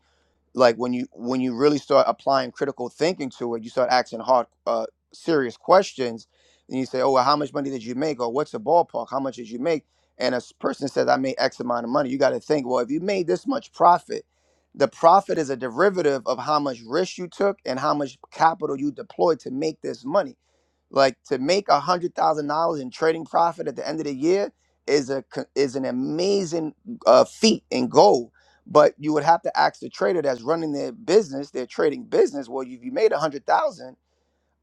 [SPEAKER 14] like when you when you really start applying critical thinking to it you start asking hard uh, serious questions and you say oh well how much money did you make or what's the ballpark how much did you make and a s- person says i made x amount of money you got to think well if you made this much profit the profit is a derivative of how much risk you took and how much capital you deployed to make this money like to make a hundred thousand dollars in trading profit at the end of the year is a co- is an amazing uh, feat and goal. But you would have to ask the trader that's running their business, their trading business. Well, if you made a hundred thousand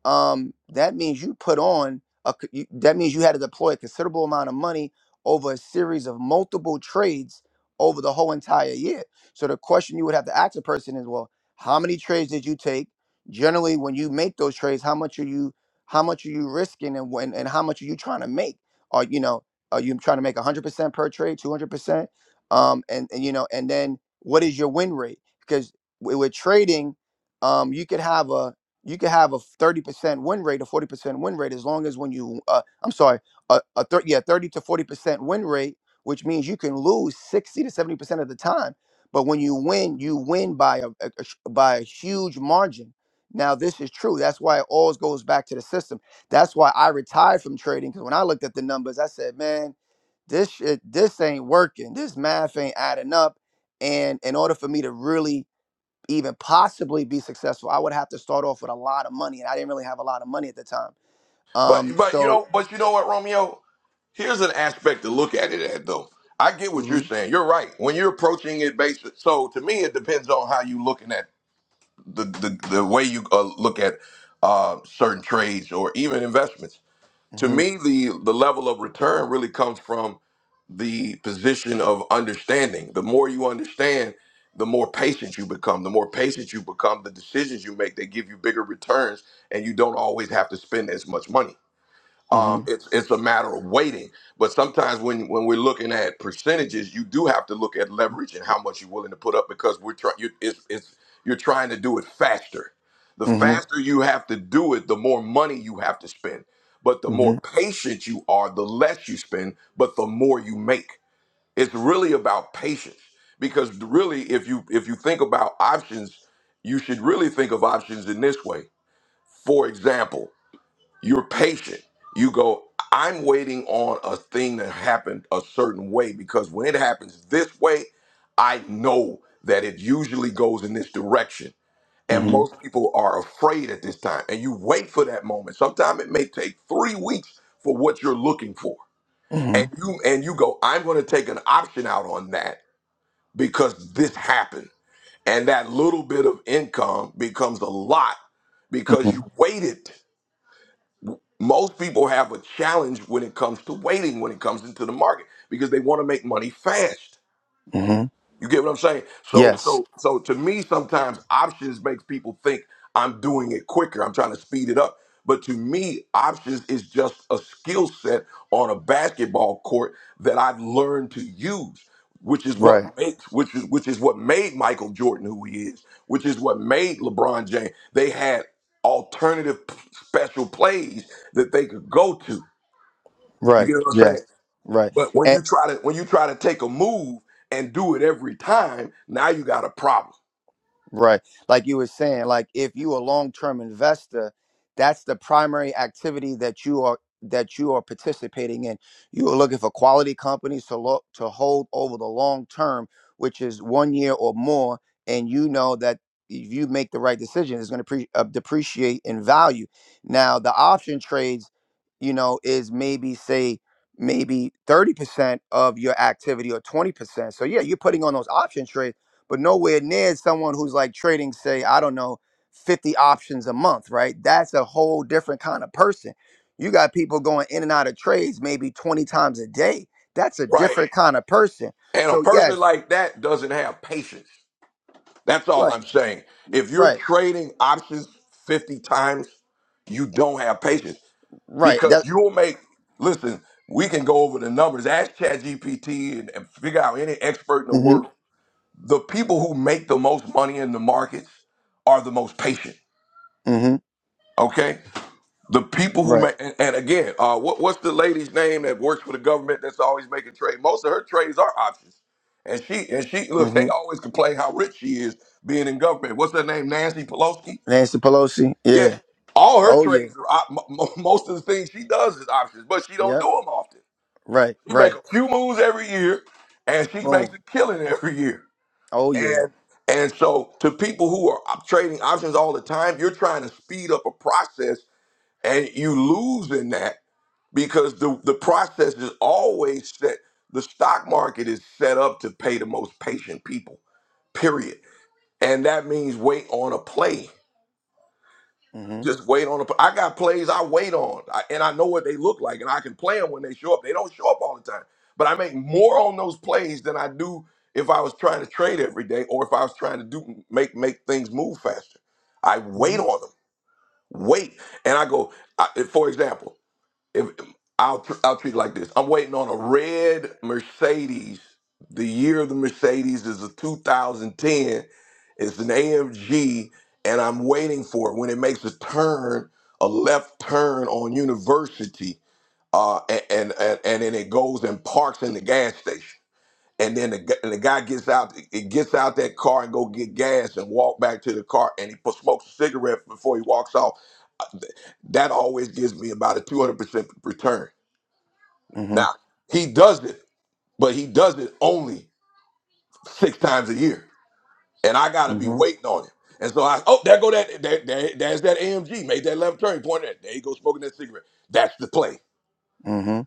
[SPEAKER 14] um, that means you put on a, c- you- that means you had to deploy a considerable amount of money over a series of multiple trades over the whole entire year. So the question you would have to ask a person is, well, how many trades did you take? Generally, when you make those trades, how much are you how much are you risking and when and how much are you trying to make? Are you know are you trying to make 100% per trade, 200%? Um, and, and you know and then what is your win rate? Because wi- with trading, um, you could have a you could have a 30% win rate, a 40% win rate, as long as when you, uh, I'm sorry, a, a thir- yeah, 30 to 40% win rate, which means you can lose 60 to 70% of the time. But when you win, you win by a, a- a sh- by a huge margin. Now this is true. That's why it always goes back to the system. That's why I retired from trading because when I looked at the numbers, I said, man, this shit, this ain't working. This math ain't adding up. And in order for me to really even possibly be successful, I would have to start off with a lot of money, and I didn't really have a lot of money at the time.
[SPEAKER 13] But
[SPEAKER 14] Um,
[SPEAKER 13] but you
[SPEAKER 14] so.
[SPEAKER 13] know but you know what, Romeo. Here's an aspect to look at it at though. I get what you're
[SPEAKER 14] hmm
[SPEAKER 13] saying. You're right. When you're approaching it based, so to me it depends on how you looking at the the, the way you uh, look at uh, certain trades or even investments. To
[SPEAKER 14] hmm
[SPEAKER 13] me, the the level of return really comes from the position of understanding. The more you understand, the more patient you become. The more patient you become, the decisions you make, they give you bigger returns, and you don't always have to spend as much money.
[SPEAKER 14] hmm
[SPEAKER 13] Um, it's it's a matter of waiting. But sometimes when when we're looking at percentages, you do have to look at leverage and how much you're willing to put up because we're trying. It's it's you're trying to do it faster. The
[SPEAKER 14] hmm
[SPEAKER 13] faster you have to do it, the more money you have to spend. But the more patient you are, the less you spend, but the more you make it's really about patience because really if you if you think about options you should really think of options in this way for example you're patient you go i'm waiting on a thing that happened a certain way because when it happens this way i know that it usually goes in this direction and
[SPEAKER 14] hmm
[SPEAKER 13] most people are afraid at this time and you wait for that moment sometimes it may take three weeks for what you're looking for
[SPEAKER 14] hmm
[SPEAKER 13] and you and you go i'm going to take an option out on that because this happened. And that little bit of income becomes a lot because
[SPEAKER 14] hmm
[SPEAKER 13] you waited. Most people have a challenge when it comes to waiting, when it comes into the market, because they want to make money fast.
[SPEAKER 14] hmm
[SPEAKER 13] You get what I'm saying? So
[SPEAKER 14] Yes.
[SPEAKER 13] so so to me, sometimes options makes people think I'm doing it quicker. I'm trying to speed it up. But to me, options is just a skill set on a basketball court that I've learned to use, which is
[SPEAKER 14] Right.
[SPEAKER 13] what makes which is which is what made Michael Jordan who he is, which is what made LeBron James. They had alternative p- special plays that they could go to. You
[SPEAKER 14] Right.
[SPEAKER 13] get what I'm saying?
[SPEAKER 14] Yes. Right.
[SPEAKER 13] But when you try to when you try to take a move and do it every time, now you got a problem,
[SPEAKER 14] Right. Like you were saying, like if you a long-term investor, that's the primary activity that you are that you are participating in. You are looking for quality companies to look to hold over the long term, which is one year or more, and you know that if you make the right decision, it's going to pre- uh, depreciate in value. Now, the option trades, you know, is maybe say maybe 30% of your activity or 20%. So yeah, you're putting on those option trades but nowhere near someone who's like trading, say, I don't know, 50 options a month, right? That's a whole different kind of person. You got people going in and out of trades maybe 20 times a day. That's a
[SPEAKER 13] right?
[SPEAKER 14] different kind of person.
[SPEAKER 13] And a
[SPEAKER 14] So,
[SPEAKER 13] person
[SPEAKER 14] yes,
[SPEAKER 13] like that doesn't have patience. That's all
[SPEAKER 14] right,
[SPEAKER 13] I'm saying. If you're
[SPEAKER 14] right,
[SPEAKER 13] trading options 50 times, you don't have patience
[SPEAKER 14] right.
[SPEAKER 13] because
[SPEAKER 14] That,
[SPEAKER 13] you'll make listen, we can go over the numbers, ask ChatGPT and, and figure out any expert in the
[SPEAKER 14] mm
[SPEAKER 13] world. The people who make the most money in the markets are the most patient,
[SPEAKER 14] hmm, mm hmm,
[SPEAKER 13] okay? The people who
[SPEAKER 14] right,
[SPEAKER 13] make, and, and again, uh, what, what's the lady's name that works for the government that's always making trade? Most of her trades are options, and she and she look.
[SPEAKER 14] mm hmm.
[SPEAKER 13] They always complain how rich she is being in government. What's her name? Nancy Pelosi.
[SPEAKER 14] Nancy Pelosi,
[SPEAKER 13] Yeah,
[SPEAKER 14] yeah.
[SPEAKER 13] all her
[SPEAKER 14] Oh, yeah,
[SPEAKER 13] trades are op- mo- mo- most of the things she does is options, but she don't do
[SPEAKER 14] yep,
[SPEAKER 13] them often.
[SPEAKER 14] right,
[SPEAKER 13] She make
[SPEAKER 14] right,
[SPEAKER 13] a few moves every year, and she makes
[SPEAKER 14] boom.
[SPEAKER 13] a killing every year.
[SPEAKER 14] Oh, yeah,
[SPEAKER 13] And and so to people who are op- trading options all the time, you're trying to speed up a process, and you lose in that because the, the process is always set. The stock market is set up to pay the most patient people, period. And that means wait on a play.
[SPEAKER 14] mm
[SPEAKER 13] Just wait on a pl- I got plays I wait on, I, and I know what they look like, and I can play them when they show up. They don't show up all the time, but I make more on those plays than I do if I was trying to trade every day or if I was trying to do make make things move faster. I
[SPEAKER 14] hmm,
[SPEAKER 13] wait
[SPEAKER 14] mm
[SPEAKER 13] on them, wait, and I go. I, for example if I'll tr- I'll treat it like this. I'm waiting on a red Mercedes. The year of the Mercedes is a 2010. It's an AMG, and I'm waiting for it when it makes a turn, a left turn on University, uh, and and and, and then it goes and parks in the gas station. And then the, gu- and the guy gets out, it gets out that car and go get gas and walk back to the car, and he pu- smokes a cigarette before he walks off. That always gives me about a 200 percent return
[SPEAKER 14] hmm, mm
[SPEAKER 13] now, he does it, but he does it only six times a year. And I
[SPEAKER 14] hmm,
[SPEAKER 13] gotta
[SPEAKER 14] mm
[SPEAKER 13] be waiting on him. And so I oh, there go that there, there, there's that AMG, made that left turn, pointed at there he goes smoking that cigarette. That's the play.
[SPEAKER 14] hmm,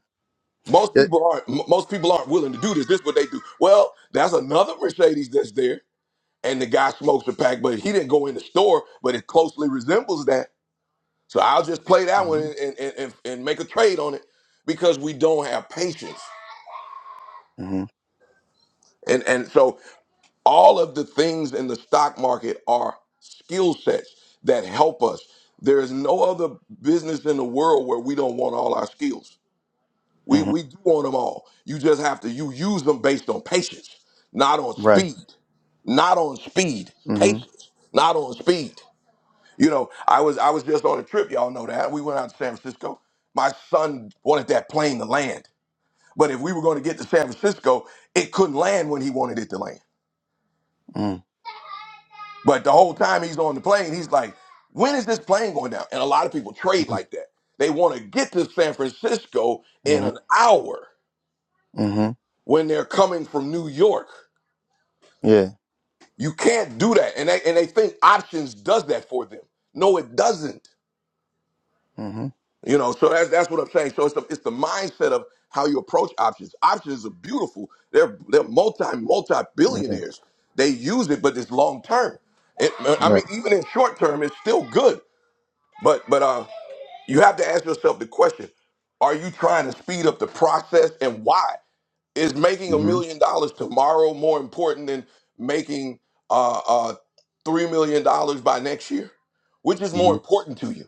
[SPEAKER 13] Most people aren't m- most people aren't willing to do this. This is what they do. Well, that's another Mercedes that's there, and the guy smokes a pack, but he didn't go in the store, but it closely resembles that. So I'll just play that one
[SPEAKER 14] mm
[SPEAKER 13] and, and, and, and make a trade on it because we don't have patience.
[SPEAKER 14] hmm, mm
[SPEAKER 13] And and so all of the things in the stock market are skill sets that help us. There is no other business in the world where we don't want all our skills. We
[SPEAKER 14] hmm,
[SPEAKER 13] we do want them all. You just have to you use them based on patience, not on
[SPEAKER 14] right,
[SPEAKER 13] speed, not on speed,
[SPEAKER 14] mm
[SPEAKER 13] patience, not on speed. You know, I was I was just on a trip, y'all know that. We went out to San Francisco. My son wanted that plane to land. But if we were going to get to San Francisco, it couldn't land when he wanted it to land.
[SPEAKER 14] hmm.
[SPEAKER 13] But the whole time he's on the plane, he's like, when is this plane going down? And a lot of people trade like that. They want to get to San Francisco in
[SPEAKER 14] Mm-hmm.
[SPEAKER 13] an hour
[SPEAKER 14] Mm-hmm.
[SPEAKER 13] when they're coming from New York.
[SPEAKER 14] Yeah.
[SPEAKER 13] You can't do that. And they, and they think options does that for them. No, it doesn't.
[SPEAKER 14] Mm-hmm.
[SPEAKER 13] You know, so that's, that's what I'm saying. So it's the, it's the mindset of how you approach options. Options are beautiful. They're, they're multi, multi
[SPEAKER 14] Yeah.
[SPEAKER 13] billionaires. They use it, but it's long term. It, I mean,
[SPEAKER 14] Right.
[SPEAKER 13] even in short term, it's still good. But but uh, you have to ask yourself the question: Are you trying to speed up the process, and why? Is making a
[SPEAKER 14] Mm-hmm.
[SPEAKER 13] million dollars tomorrow more important than making uh, uh, three million dollars by next year? Which is more
[SPEAKER 14] Mm-hmm.
[SPEAKER 13] important to you?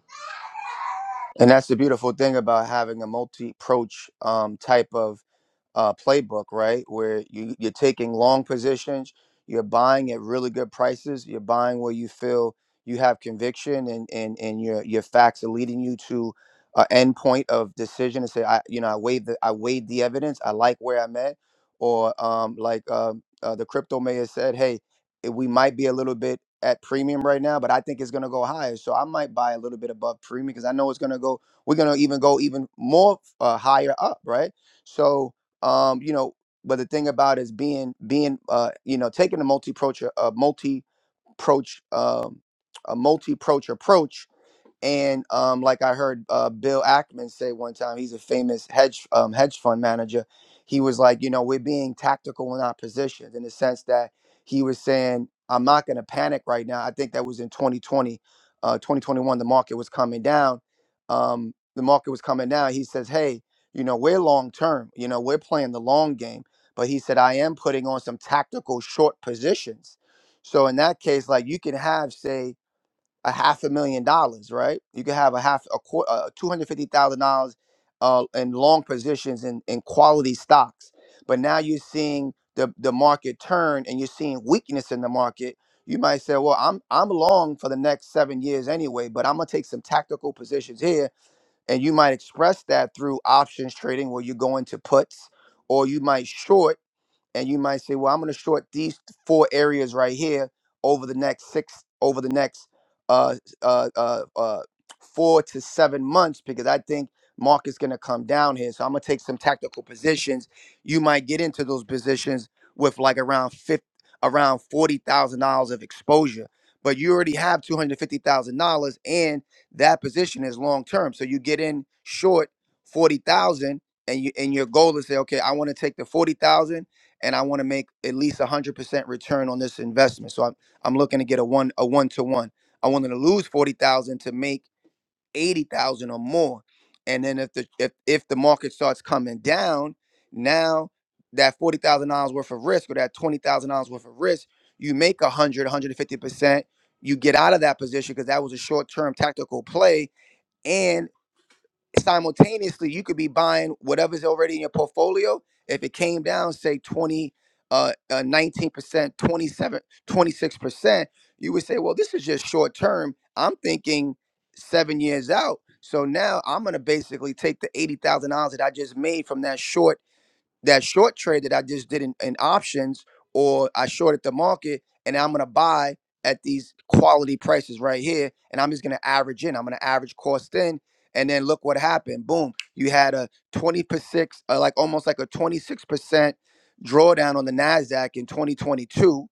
[SPEAKER 14] And that's the beautiful thing about having a multi-approach um, type of uh, playbook, right? Where you, you're taking long positions, you're buying at really good prices, you're buying where you feel you have conviction, and and and your your facts are leading you to an end point of decision and say, I you know I weighed the I weighed the evidence, I like where I'm at, or um, like um, uh, the crypto mayor said, hey. it- we might be a little bit at premium right now, but I think it's going to go higher. So I might buy a little bit above premium because I know it's going to go. We're going to even go even more uh, higher up, right? So um, you know, but the thing about is being being uh, you know taking a multi approach a multi approach um, a multi approach approach and um, like I heard uh, Bill Ackman say one time, he's a famous hedge um, hedge fund manager. He was like, you know, we're being tactical in our positions in the sense that he was saying, I'm not going to panic right now. I think that was in 2020, uh, 2021. The market was coming down. Um, the market was coming down. He says, hey, you know, we're long term. You know, we're playing the long game. But he said, I am putting on some tactical short positions. So in that case, like you can have, say a half a million dollars, right? You could have a half a quarter, uh, two hundred fifty thousand dollars uh, in long positions in, in quality stocks. But now you're seeing the the market turn, and you're seeing weakness in the market. You might say, "Well, I'm I'm long for the next seven years anyway, but I'm gonna take some tactical positions here." And you might express that through options trading, where you go into puts, or you might short and you might say, "Well, I'm going to short these four areas right here over the next six, over the next uh, uh, uh, uh, four to seven months because I think market's going to come down here. So I'm going to take some tactical positions. You might get into those positions with like around fifty, around forty thousand dollars of exposure." But you already have two hundred fifty thousand dollars, and that position is long term. So you get in short forty thousand, and you and your goal is say, okay, I want to take the forty thousand and I want to make at least 100% return on this investment. So I'm I'm looking to get a one a one to one. I wanted to lose 40,000 to make 80,000 or more. And then if the if if the market starts coming down, now that $40,000 worth of risk or that $20,000 worth of risk, you make a 150%, you get out of that position because that was a short-term tactical play and simultaneously you could be buying whatever's already in your portfolio if it came down say 20 uh, uh 19% twenty-seven, twenty-six percent you would say well this is just short term i'm thinking seven years out so now i'm going to basically take the $80000 that i just made from that short that short trade that I just did in, in options or I shorted the market and I'm gonna buy at these quality prices right here and I'm just gonna average in. I'm gonna average cost in and then look what happened. Boom, you had a 26, uh, like almost like a 26% drawdown on the NASDAQ in 2022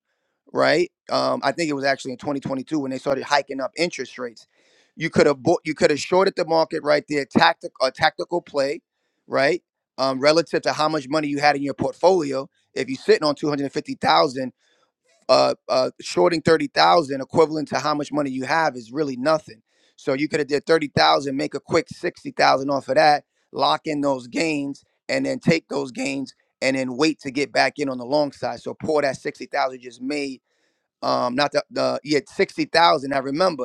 [SPEAKER 14] right? Um, I think it was actually in 2022 when they started hiking up interest rates. You could have bought, you could have shorted the market right there, tactic a tactical play, right? um, relative to how much money you had in your portfolio. If you're sitting on two hundred fifty thousand, uh, uh, shorting thirty thousand, equivalent to how much money you have, is really nothing. So you could have did thirty thousand, make a quick sixty thousand off of that, lock in those gains, and then take those gains and then wait to get back in on the long side. So pour that sixty thousand you just made. Um, not the, the yeah sixty thousand. I remember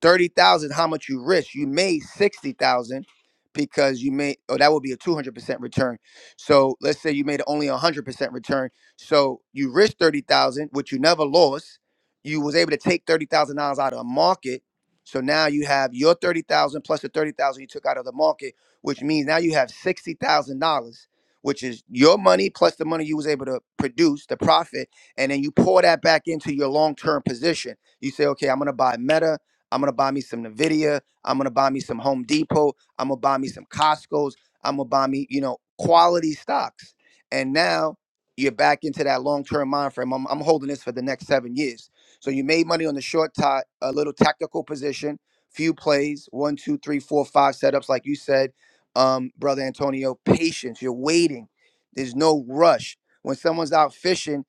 [SPEAKER 14] thirty thousand, how much you risk? You made sixty thousand because you made. Oh, that would be a two hundred percent return. So let's say you made only a hundred percent return. So you risked thirty thousand, which you never lost. You was able to take thirty thousand dollars out of the market. So now you have your thirty thousand plus the thirty thousand you took out of the market, which means now you have sixty thousand dollars, which is your money plus the money you was able to produce, the profit, and then you pour that back into your long term position. You say, okay, I'm gonna buy Meta. I'm gonna buy me some Nvidia. I'm gonna buy me some Home Depot. I'm gonna buy me some Costco's. I'm gonna buy me, you know, quality stocks. And now you're back into that long-term mind frame. I'm, I'm holding this for the next seven years. So you made money on the short tie, a little tactical position, few plays, one, two, three, four, five setups, like you said, um, brother Antonio. Patience. You're waiting. There's no rush. When someone's out fishing,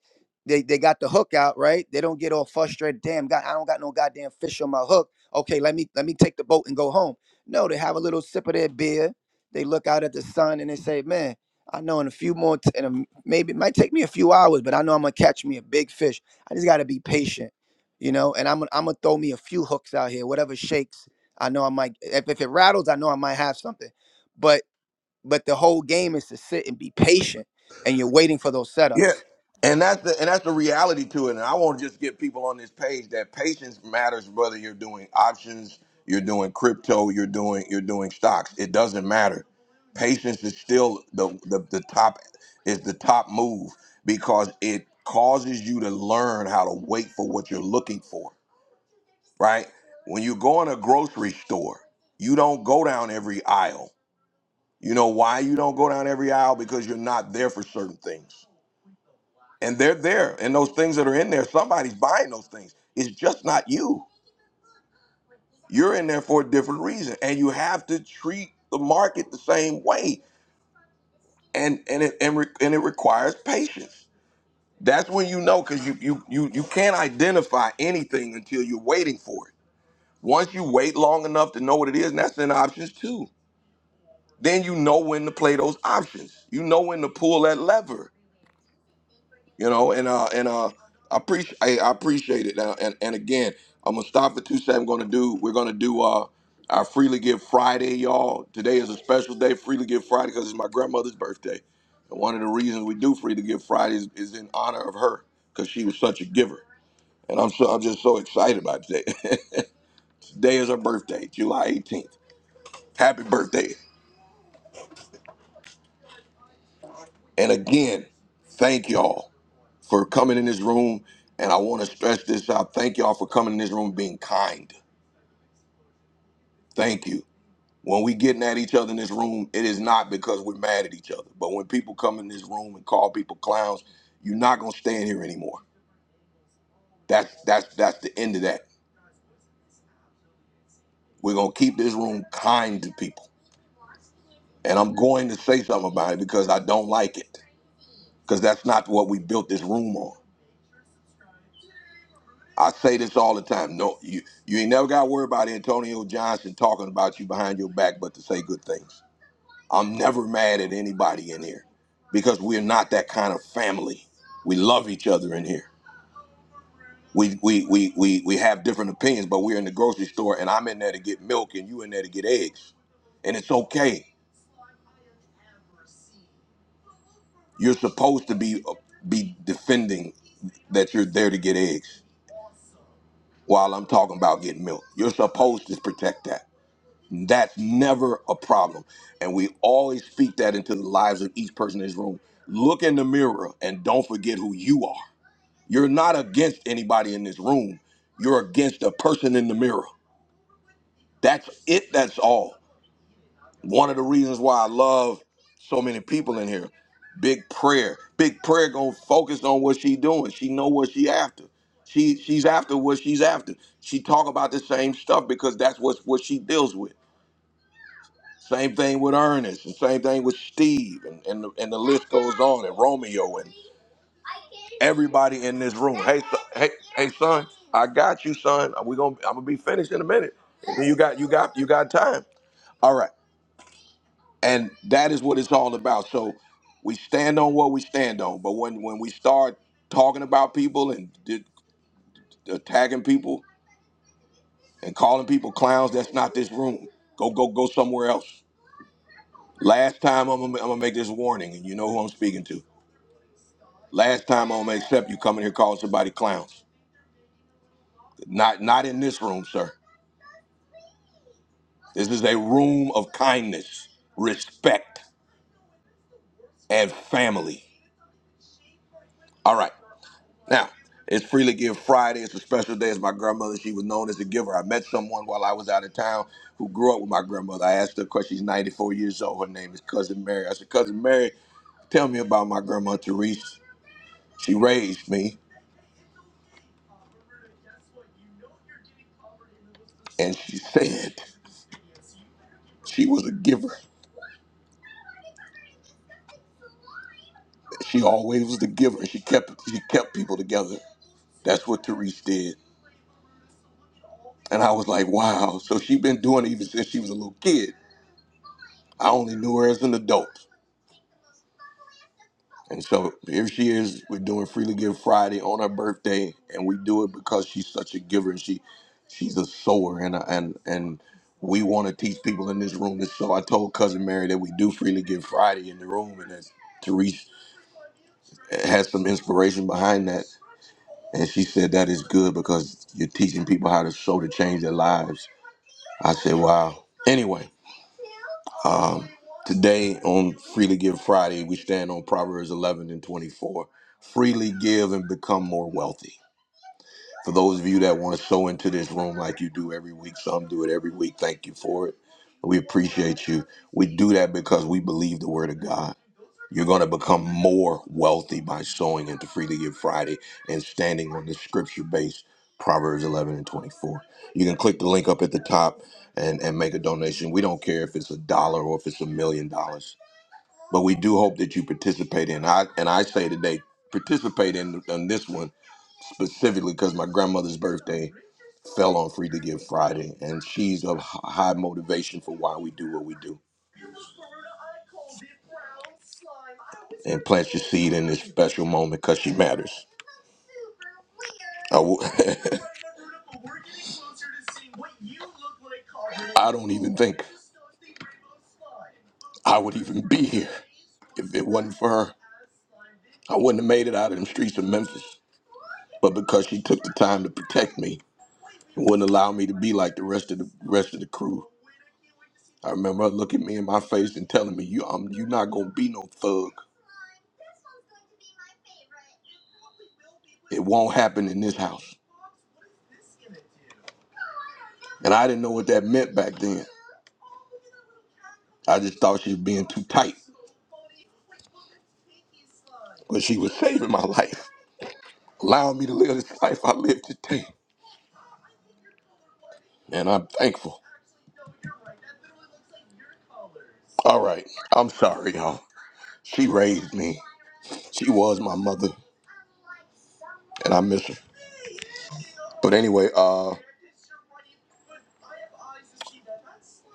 [SPEAKER 14] they, they got the hook out, right? They don't get all frustrated. Damn, God, I don't got no goddamn fish on my hook okay, let me let me take the boat and go home. No, they have a little sip of their beer. They look out at the sun and they say, man, I know in a few more, t- in a m maybe it might take me a few hours, but I know I'm gonna catch me a big fish. I just gotta be patient, you know. And I'm gonna- I'm gonna throw me a few hooks out here, whatever shakes. I know I might. If if it rattles, I know I might have something. But but the whole game is to sit and be patient, and you're waiting for those
[SPEAKER 13] Yeah,
[SPEAKER 14] setups.
[SPEAKER 13] and that's the and that's the reality to it. And I want to just get people on this page that patience matters, whether you're doing options, you're doing crypto, you're doing you're doing stocks. It doesn't matter. Patience is still the the, the top is the top move because it causes you to learn how to wait for what you're looking for. Right when you go in a grocery store, you don't go down every aisle. You know why you don't go down every aisle because you're not there for certain things and they're there and those things that are in there somebody's buying those things it's just not you you're in there for a different reason and you have to treat the market the same way and and it and, re, and it requires patience that's when you know because you, you you you can't identify anything until you're waiting for it once you wait long enough to know what it is and that's in options too then you know when to play those options you know when to pull that lever you know and uh and uh i appreciate I, I appreciate it now and and again i'm gonna stop at 2 7 i'm gonna do we're gonna do uh our freely give friday y'all today is a special day freely give friday because it's my grandmother's birthday and one of the reasons we do freely give friday is, is in honor of her because she was such a giver and i'm so i'm just so excited about today today is her birthday july 18th happy birthday and again thank y'all for coming in this room. And I want to stress this out. Thank y'all for coming in this room being kind. Thank you. When we getting at each other in this room, it is not because we're mad at each other. But when people come in this room and call people clowns, you're not gonna stay in here anymore. That's that's that's the end of that. We're gonna keep this room kind to people. And I'm going to say something about it because I don't like it. Because that's not what we built this room on. I say this all the time. No, you you ain't never got to worry about Antonio Johnson talking about you behind your back, but to say good things. I'm never mad at anybody in here because we're not that kind of family. We love each other in here. We we we we we have different opinions, but we're in the grocery store, and I'm in there to get milk, and you in there to get eggs, and it's okay. You're supposed to be uh, be defending that you're there to get eggs while I'm talking about getting milk. You're supposed to protect that. That's never a problem. And we always speak that into the lives of each person in this room. Look in the mirror and don't forget who you are. You're not against anybody in this room. You're against a person in the mirror. That's it. That's all. One of the reasons why I love so many people in here. Big prayer. Big prayer gonna focus on what she doing. She know what she after. She she's after what she's after. She talk about the same stuff because that's what what she deals with. Same thing with Ernest, and same thing with Steve, and, and, the, and the list goes on, and Romeo, and everybody in this room. Hey, son, hey, hey, son, I got you, son. We gonna, I'm gonna be finished in a minute. You got, you got, you got time. All right, and that is what it's all about. So we stand on what we stand on, but when when we start talking about people and di- attacking people and calling people clowns, that's not this room. Go, go, go somewhere else. Last time I'm gonna, I'm gonna make this warning, and you know who I'm speaking to Last time on Accept, you come in here calling somebody clowns. Not not in this room, sir. This is a room of kindness, respect, and family. All right. Now, it's Freely Give Friday. It's a special day. It's my grandmother. She was known as a giver. I met someone while I was out of town who grew up with my grandmother. I asked her because she's 94 years old. Her name is Cousin Mary. I said, Cousin Mary, tell me about my grandma Therese. She raised me, and she said she was a giver. she always was the giver. She kept she kept people together. That's what Therese did. And I was like, wow. So she been doing it even since she was a little kid. I only knew her as an adult. And so here she is. We're doing Freely Give Friday on her birthday, and we do it because she's such a giver and she she's a sower. And and and we want to teach people in this room. And so I told cousin Mary that we do Freely Give Friday in the room, and that Therese has some inspiration behind that And she said, That is good because you're teaching people how to sow to change their lives. I said, Wow. Anyway, um, today on Freely Give Friday, we stand on Proverbs 11 and 24. Freely give and become more wealthy. For those of you that want to sow into this room like you do every week, some do it every week. Thank you for it. We appreciate you. We do that because we believe the word of God. You're going to become more wealthy by sowing into Freely Give Friday and standing on the scripture based Proverbs 11 and 24. You can click the link up at the top and, and make a donation. We don't care if it's a dollar or if it's a million dollars, but we do hope that you participate in. I and I say today, participate in, in this one specifically because my grandmother's birthday fell on Free to Give Friday, and she's of h- high motivation for why we do what we do. And plant your seed in this special moment because she matters. I w- I don't even think I would even be here if it wasn't for her. I wouldn't have made it out of them streets of Memphis. But because she took the time to protect me and wouldn't allow me to be like the rest of the rest of the crew. I remember her looking me in my face and telling me, "You, um, you're not gonna be no thug. It won't happen in this house." And I didn't know what that meant back then. I just thought she was being too tight. But she was saving my life, allowing me to live this life I live today. And I'm thankful. All right. I'm sorry, y'all. She raised me. She was my mother, and I miss her. But anyway, uh,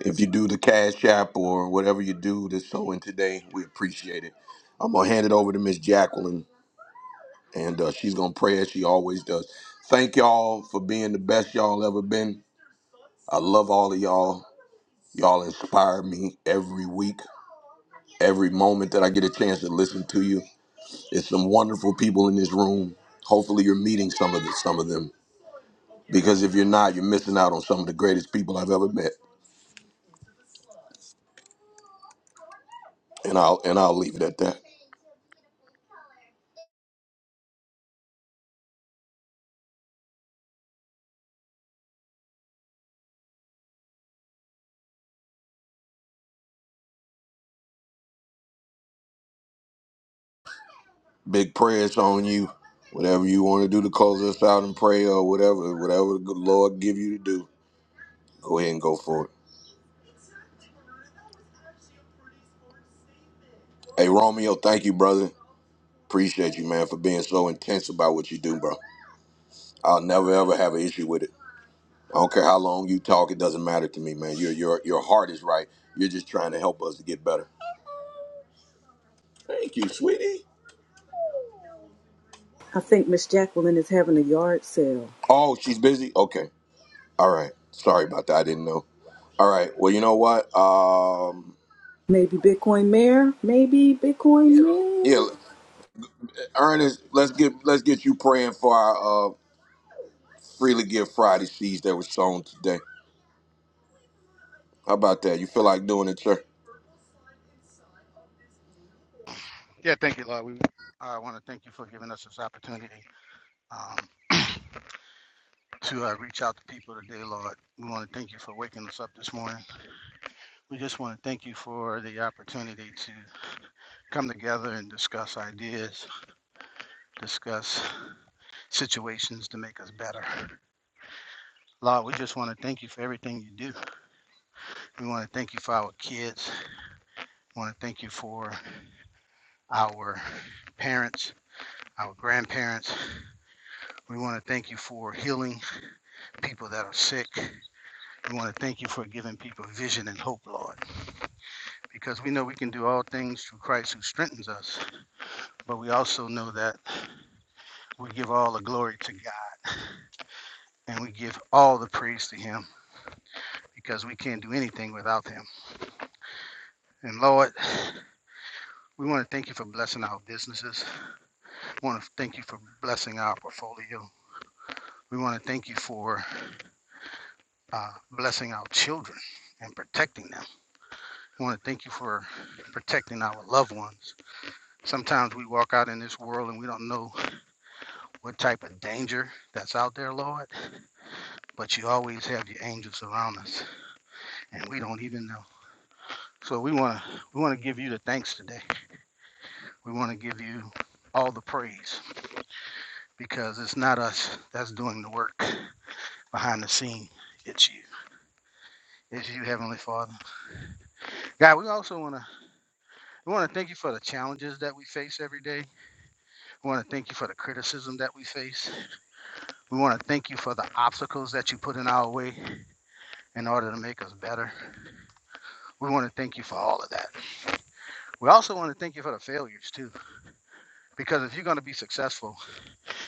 [SPEAKER 13] if you do the cash app or whatever you do to sow in today, we appreciate it. I'm gonna hand it over to Miss Jacqueline and uh, she's gonna pray as she always does. Thank y'all for being the best y'all ever been. I love all of y'all. Y'all inspire me every week, every moment that I get a chance to listen to you. It's some wonderful people in this room. Hopefully, you're meeting some of the, some of them because if you're not, you're missing out on some of the greatest people I've ever met. And I'll and I'll leave it at that. Big prayers on you. Whatever you want to do to close us out and pray or whatever, whatever the good Lord give you to do, go ahead and go for it. Hey, Romeo, thank you, brother. Appreciate you, man, for being so intense about what you do, bro. I'll never ever have an issue with it. I don't care how long you talk; it doesn't matter to me, man. Your your your heart is right. You're just trying to help us to get better. Thank you, sweetie.
[SPEAKER 1] I think Miss Jacqueline is having a yard sale.
[SPEAKER 13] Oh, she's busy. Okay. All right. Sorry about that. I didn't know. All right. Well, you know what? Um,
[SPEAKER 1] Maybe Bitcoin Mayor. Maybe Bitcoin
[SPEAKER 13] yeah,
[SPEAKER 1] Mayor.
[SPEAKER 13] Ernest, let's get let's get you praying for our uh, freely give Friday seeds that was sown today. How about that? You feel like doing it, sir?
[SPEAKER 8] Yeah, thank you, Lord. We I uh, want to thank you for giving us this opportunity um, to uh, reach out to people today, Lord. We want to thank you for waking us up this morning. We just want to thank you for the opportunity to come together and discuss ideas, discuss situations to make us better. Lord, I want to thank you for everything you do. We want to thank you for our kids. We want to thank you for our parents. Our grandparents. We want to thank you for healing people that are sick. We want to thank you for giving people vision and hope, Lord, because we know we can do all things through Christ who strengthens us. But we also know that we give all the glory to God and we give all the praise to Him because we can't do anything without Him. And Lord, we want to thank you for blessing our businesses. We want to thank you for blessing our portfolio. We want to thank you for uh, blessing our children and protecting them. We want to thank you for protecting our loved ones. Sometimes we walk out in this world and we don't know what type of danger that's out there, Lord, but you always have your angels around us, and we don't even know. So we want to we want to give you the thanks today. We want to give you all the praise because it's not us that's doing the work behind the scene. It's you. It's you, Heavenly Father. God, we also want to we want to thank you for the challenges that we face every day. We want to thank you for the criticism that we face. We want to thank you for the obstacles that you put in our way in order to make us better. We want to thank you for all of that. We also want to thank you for the failures too, because if you're going to be successful,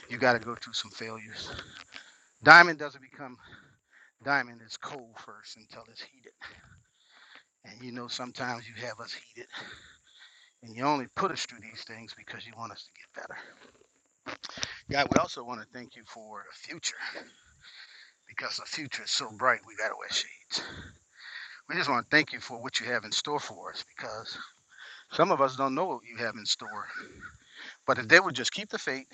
[SPEAKER 8] you got to go through some failures. Diamond doesn't become diamond; it's cold first until it's heated. And you know, sometimes you have us heated, and you only put us through these things because you want us to get better. God, we also want to thank you for the future, because the future is so bright. We got to wear shades. We just want to thank you for what you have in store for us, because some of us don't know what you have in store. But if they would just keep the faith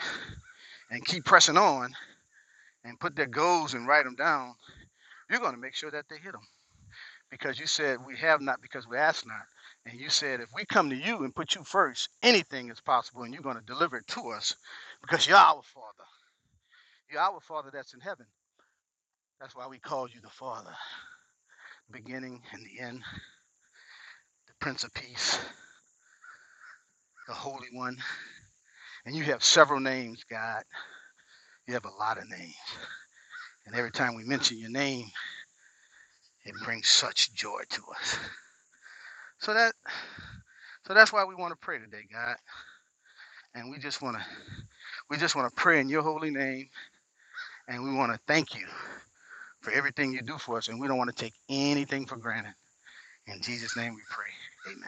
[SPEAKER 8] and keep pressing on and put their goals and write them down You're going to make sure that they hit them because you said we have not because we ask not. And you said if we come to you and put you first, anything is possible and you're going to deliver it to us because you're our Father. You're our Father that's in heaven. That's why we call you the Father, beginning and the end, the Prince of Peace, the Holy One. And you have several names, God. You have a lot of names. And every time we mention your name, it brings such joy to us. So that so that's why we want to pray today, God. And we just want to We just want to pray in your holy name and we want to thank you for everything you do for us. And we don't want to take anything for granted. In Jesus' name we pray. Amen.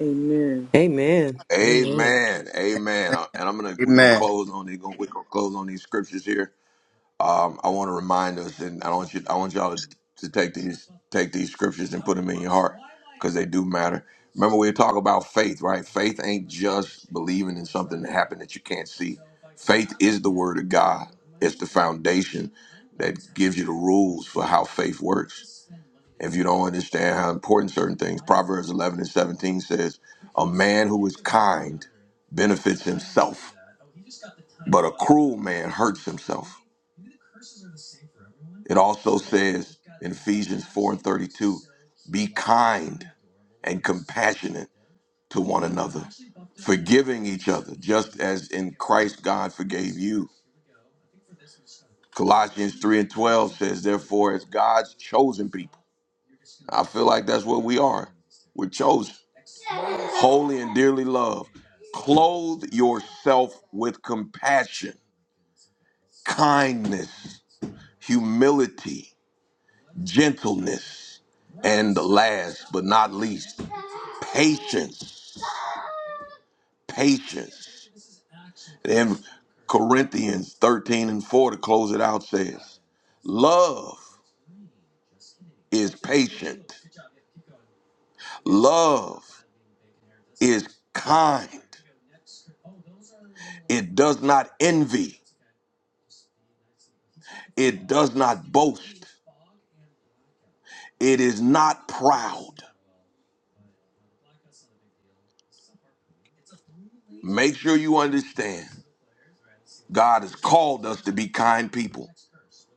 [SPEAKER 1] Amen.
[SPEAKER 15] Amen. Amen.
[SPEAKER 13] Amen. Amen. Uh, And I'm gonna we're gonna
[SPEAKER 14] Amen.
[SPEAKER 13] close on these we're gonna close on these scriptures here. Um, I want to remind us, and I want you I want y'all to, to take these take these scriptures and put them in your heart because they do matter. Remember, we talk about faith, right? Faith ain't just believing in something that happened that you can't see. Faith is the word of God. It's the foundation that gives you the rules for how faith works if you don't understand how important certain things. Proverbs 11 and 17 says, A man who is kind benefits himself, but a cruel man hurts himself. It also says in Ephesians 4 and 32, Be kind and compassionate to one another, forgiving each other, just as in Christ God forgave you. Colossians 3 and 12 says, Therefore, as God's chosen people, I feel like that's what we are. We're chosen. holy and dearly loved. Clothe yourself with compassion, kindness, humility, gentleness, and last but not least, patience. Patience. And Corinthians 13 and 4 to close it out says, Love is patient, love is kind, it does not envy, it does not boast. It is not proud. Make sure you understand. God has called us to be kind people.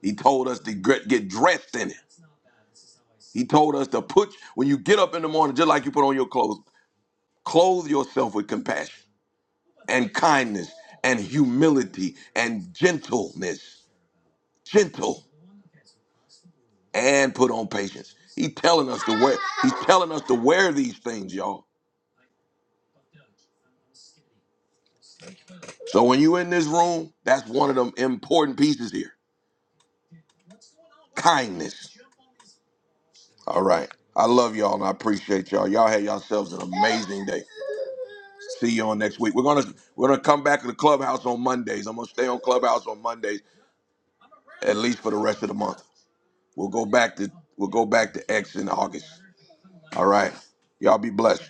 [SPEAKER 13] He told us to get, get dressed in it. He told us to put, when you get up in the morning, just like you put on your clothes, clothe yourself with compassion and kindness and humility and gentleness. Gentle and put on patience. He's telling us to wear, he's telling us to wear these things, y'all. So when you in this room, that's one of them important pieces here. Kindness. All right. I love y'all and I appreciate y'all. Y'all have yourselves an amazing day. See you on next week. We're gonna we're gonna come back to the clubhouse on Mondays. I'm gonna stay on Clubhouse on Mondays at least for the rest of the month. We'll go back to we'll go back to X in August. All right. Y'all be blessed.